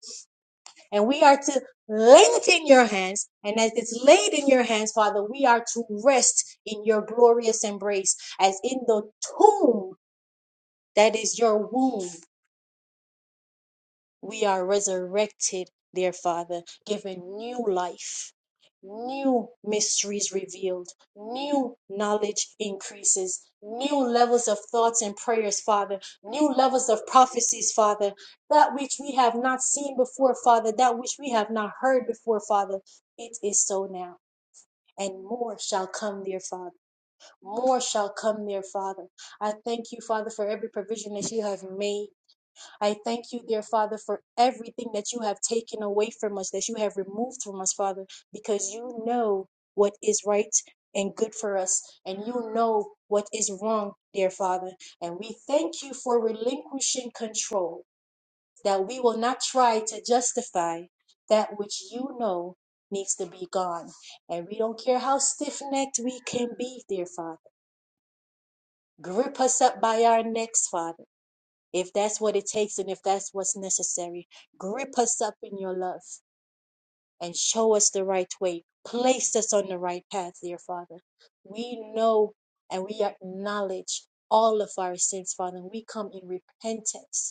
Speaker 6: And we are to lay it in your hands. And as it's laid in your hands, Father, we are to rest in your glorious embrace, as in the tomb that is your womb. We are resurrected, dear Father, given new life, new mysteries revealed, new knowledge increases, new levels of thoughts and prayers, Father, new levels of prophecies, Father, that which we have not seen before, Father, that which we have not heard before, Father. It is so now. And more shall come, dear Father. More shall come, dear Father. I thank you, Father, for every provision that you have made. I thank you, dear Father, for everything that you have taken away from us, that you have removed from us, Father, because you know what is right and good for us, and you know what is wrong, dear Father. And we thank you for relinquishing control, that we will not try to justify that which you know needs to be gone. And we don't care how stiff necked we can be, dear Father. Grip us up by our necks, Father if that's what it takes and if that's what's necessary. Grip us up in your love and show us the right way. Place us on the right path, dear Father. We know and we acknowledge all of our sins, Father, and we come in repentance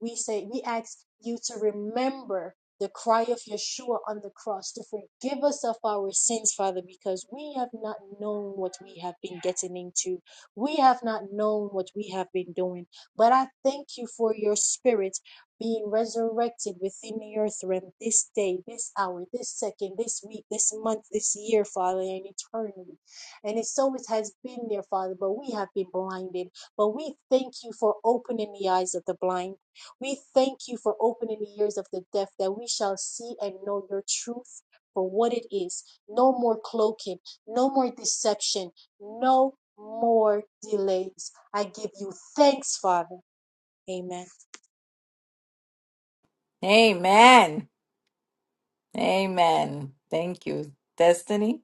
Speaker 6: we say, we ask you to remember the cry of Yeshua on the cross to forgive us of our sins, Father, because we have not known what we have been getting into. We have not known what we have been doing. But I thank you for your spirit being resurrected within the earth realm this day, this hour, this second, this week, this month, this year, Father, and eternally. And it's so it has been there, Father, but we have been blinded. But we thank you for opening the eyes of the blind. We thank you for opening the ears of the deaf that we shall see and know your truth for what it is. No more cloaking, no more deception, no more delays. I give you thanks, Father. Amen.
Speaker 1: Amen. Amen. Thank you, Destiny.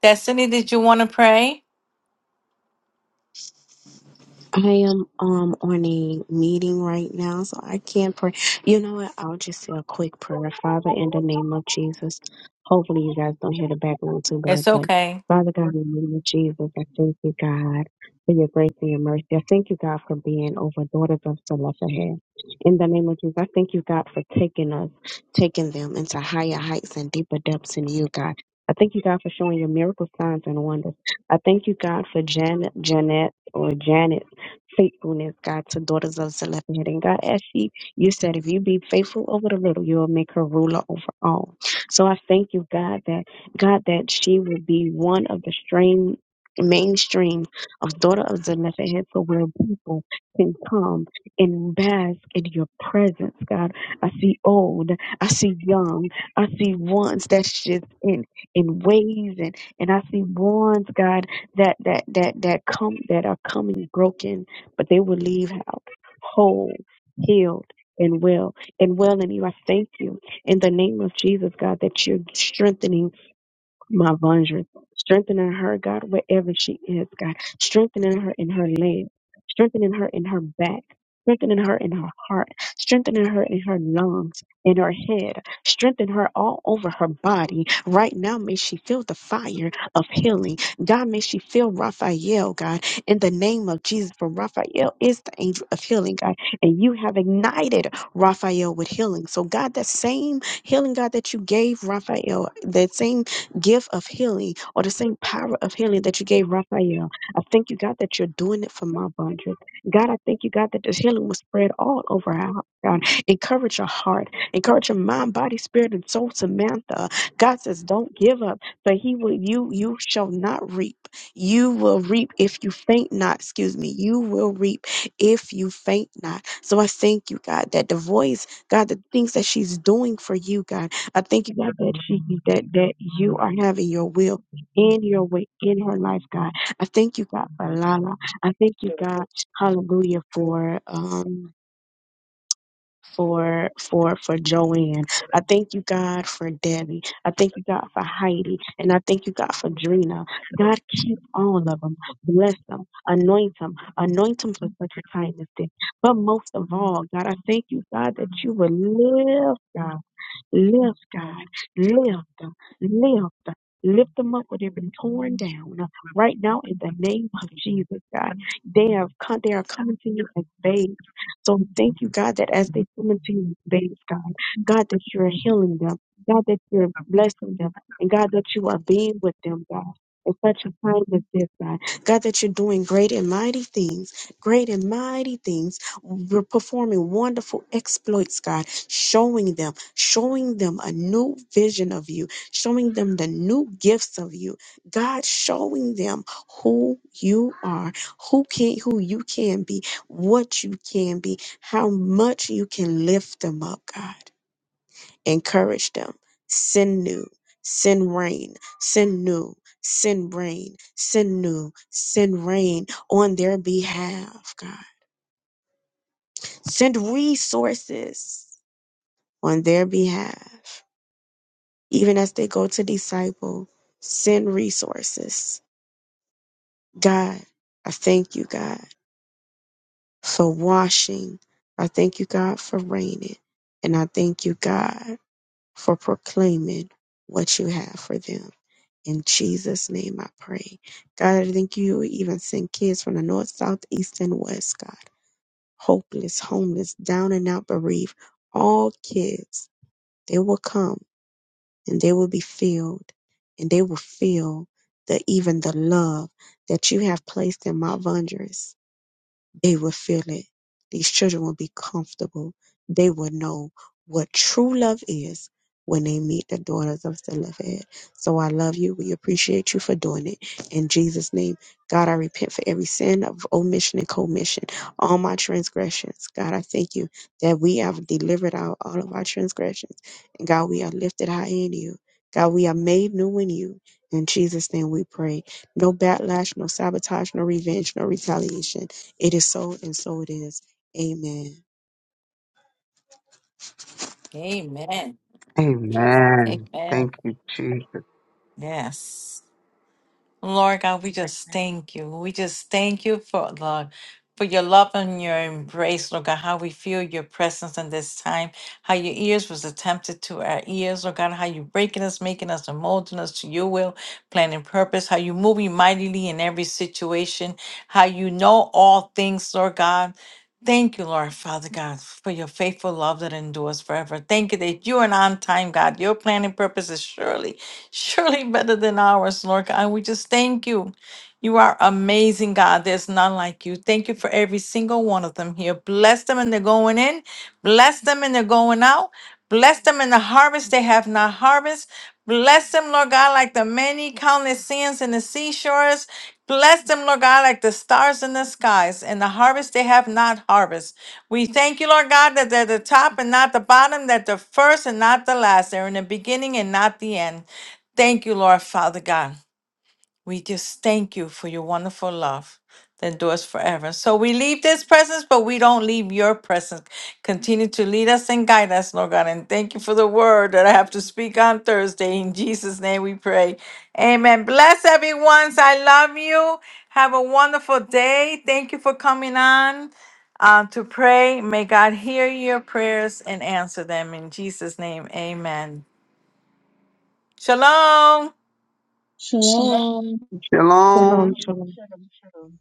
Speaker 1: Destiny, did you want to pray?
Speaker 7: I am um on a meeting right now, so I can't pray. You know what? I'll just say a quick prayer. Father, in the name of Jesus, hopefully you guys don't hear the background too bad,
Speaker 1: It's
Speaker 7: but
Speaker 1: okay.
Speaker 7: Father God, in the name of Jesus, I thank you, God, for your grace and your mercy. I thank you, God, for being over daughters of Zelophehad. In the name of Jesus, I thank you, God, for taking us, taking them into higher heights and deeper depths in you, God. I thank you, God, for showing your miracle signs and wonders. I thank you, God, for Janet, Janet, or Janet faithfulness, God, to daughters of Zelophehad. And God, as she, you said, if you be faithful over the little, you will make her ruler over all. So I thank you, God, that God, that she will be one of the strain mainstream of daughter of Zelophehad, so where people can come and bask in your presence, God. I see old, I see young, I see ones that's just in in ways and and I see ones, God, that that that that come that are coming broken but they will leave out whole, healed, and well. And well, and you, I thank you in the name of Jesus, God, that you're strengthening my Vondra, strengthening her, God, wherever she is, God, strengthening her in her legs, strengthening her in her back, strengthening her in her heart, strengthening her in her lungs, in her head, strengthen her all over her body. Right now, may she feel the fire of healing. God, may she feel Raphael, God, in the name of Jesus, for Raphael is the angel of healing, God, and you have ignited Raphael with healing. So, God, that same healing, God, that you gave Raphael, that same gift of healing or the same power of healing that you gave Raphael. I thank you, God, that you're doing it for my Vondra. God, I thank you, God, that this healing was spread all over our house, God. Encourage your heart, encourage your mind, body, spirit, and soul, Samantha. God says, Don't give up, but he will you you shall not reap. You will reap if you faint not. Excuse me. You will reap if you faint not. So I thank you, God, that the voice, God, the things that she's doing for you, God. I thank you, God, that she that that you are having your will in your way in her life, God. I thank you, God, for Lala. I thank you, God, hallelujah, for um for for for Joanne. I thank you, God, for Debbie. I thank you, God, for Heidi. And I thank you, God, for Drina. God, keep all of them. Bless them. Anoint them. Anoint them for such a time as this. But most of all, God, I thank you, God, that you will live, God. Lift, God. Lift, lift, lift them up where they've been torn down uh, right now in the name of Jesus, God. They have come, they are coming to you as babes. So thank you, God, that as they come into you as babes, God, God, that you're healing them, God, that you're blessing them, and God, that you are being with them, God. In such a time as this, God, God, that you're doing great and mighty things, great and mighty things we're performing wonderful exploits, God, showing them, showing them a new vision of you, showing them the new gifts of you. God, showing them who you are, who can who you can be, what you can be, how much you can lift them up, God. Encourage them. Send new, send rain, send new, send rain, send new, send rain on their behalf, God Send resources on their behalf. Even as they go to disciple, send resources. God, I thank you, God, for washing. I thank you, God, for raining. And I thank you, God, for proclaiming what you have for them. In Jesus' name I pray. God, I thank you even send kids from the north, south, east, and west, God. Hopeless, homeless, down and out, bereaved. All kids, they will come and they will be filled and they will feel that even the love that you have placed in my Vondrous they will feel it. These children will be comfortable. They will know what true love is when they meet the daughters of Zelophehad. So I love you. We appreciate you for doing it. In Jesus' name, God, I repent for every sin of omission and commission, all my transgressions. God, I thank you that we have delivered out all of our transgressions. And God, we are lifted high in you. God, we are made new in you. In Jesus' name we pray. No backlash, no sabotage, no revenge, no retaliation. It is so, and so it is. Amen.
Speaker 1: Amen.
Speaker 5: Amen.
Speaker 1: Amen.
Speaker 5: Thank you, Jesus.
Speaker 1: Yes. Lord God, we just thank you. We just thank you for the for your love and your embrace, Lord God, how we feel your presence in this time, how your ears was attempted to our ears, Lord God, how you breaking us, making us and molding us to your will, plan and purpose, how you moving mightily in every situation, how you know all things, Lord God. Thank you, Lord Father God, for your faithful love that endures forever. Thank you that you are an on time, God. Your plan and purpose is surely, surely better than ours, Lord God. We just thank you. You are amazing, God. There's none like you. Thank you for every single one of them here. Bless them and they're going in. Bless them and they're going out. Bless them in the harvest they have not harvest. Bless them, Lord God, like the many countless sands in the seashores. Bless them, Lord God, like the stars in the skies and the harvest they have not harvest. We thank you, Lord God, that they're the top and not the bottom, that the first and not the last. They're in the beginning and not the end. Thank you, Lord Father God. We just thank you for your wonderful love that endures forever. So we leave this presence, but we don't leave your presence. Continue to lead us and guide us, Lord God. And thank you for the word that I have to speak on Thursday. In Jesus' name we pray. Amen. Bless everyone. I love you. Have a wonderful day. Thank you for coming on uh, to pray. May God hear your prayers and answer them. In Jesus' name, amen. Shalom.
Speaker 4: Shalom.
Speaker 7: Shalom,
Speaker 5: Shalom.
Speaker 8: Shalom,
Speaker 7: shalom.
Speaker 8: shalom, shalom.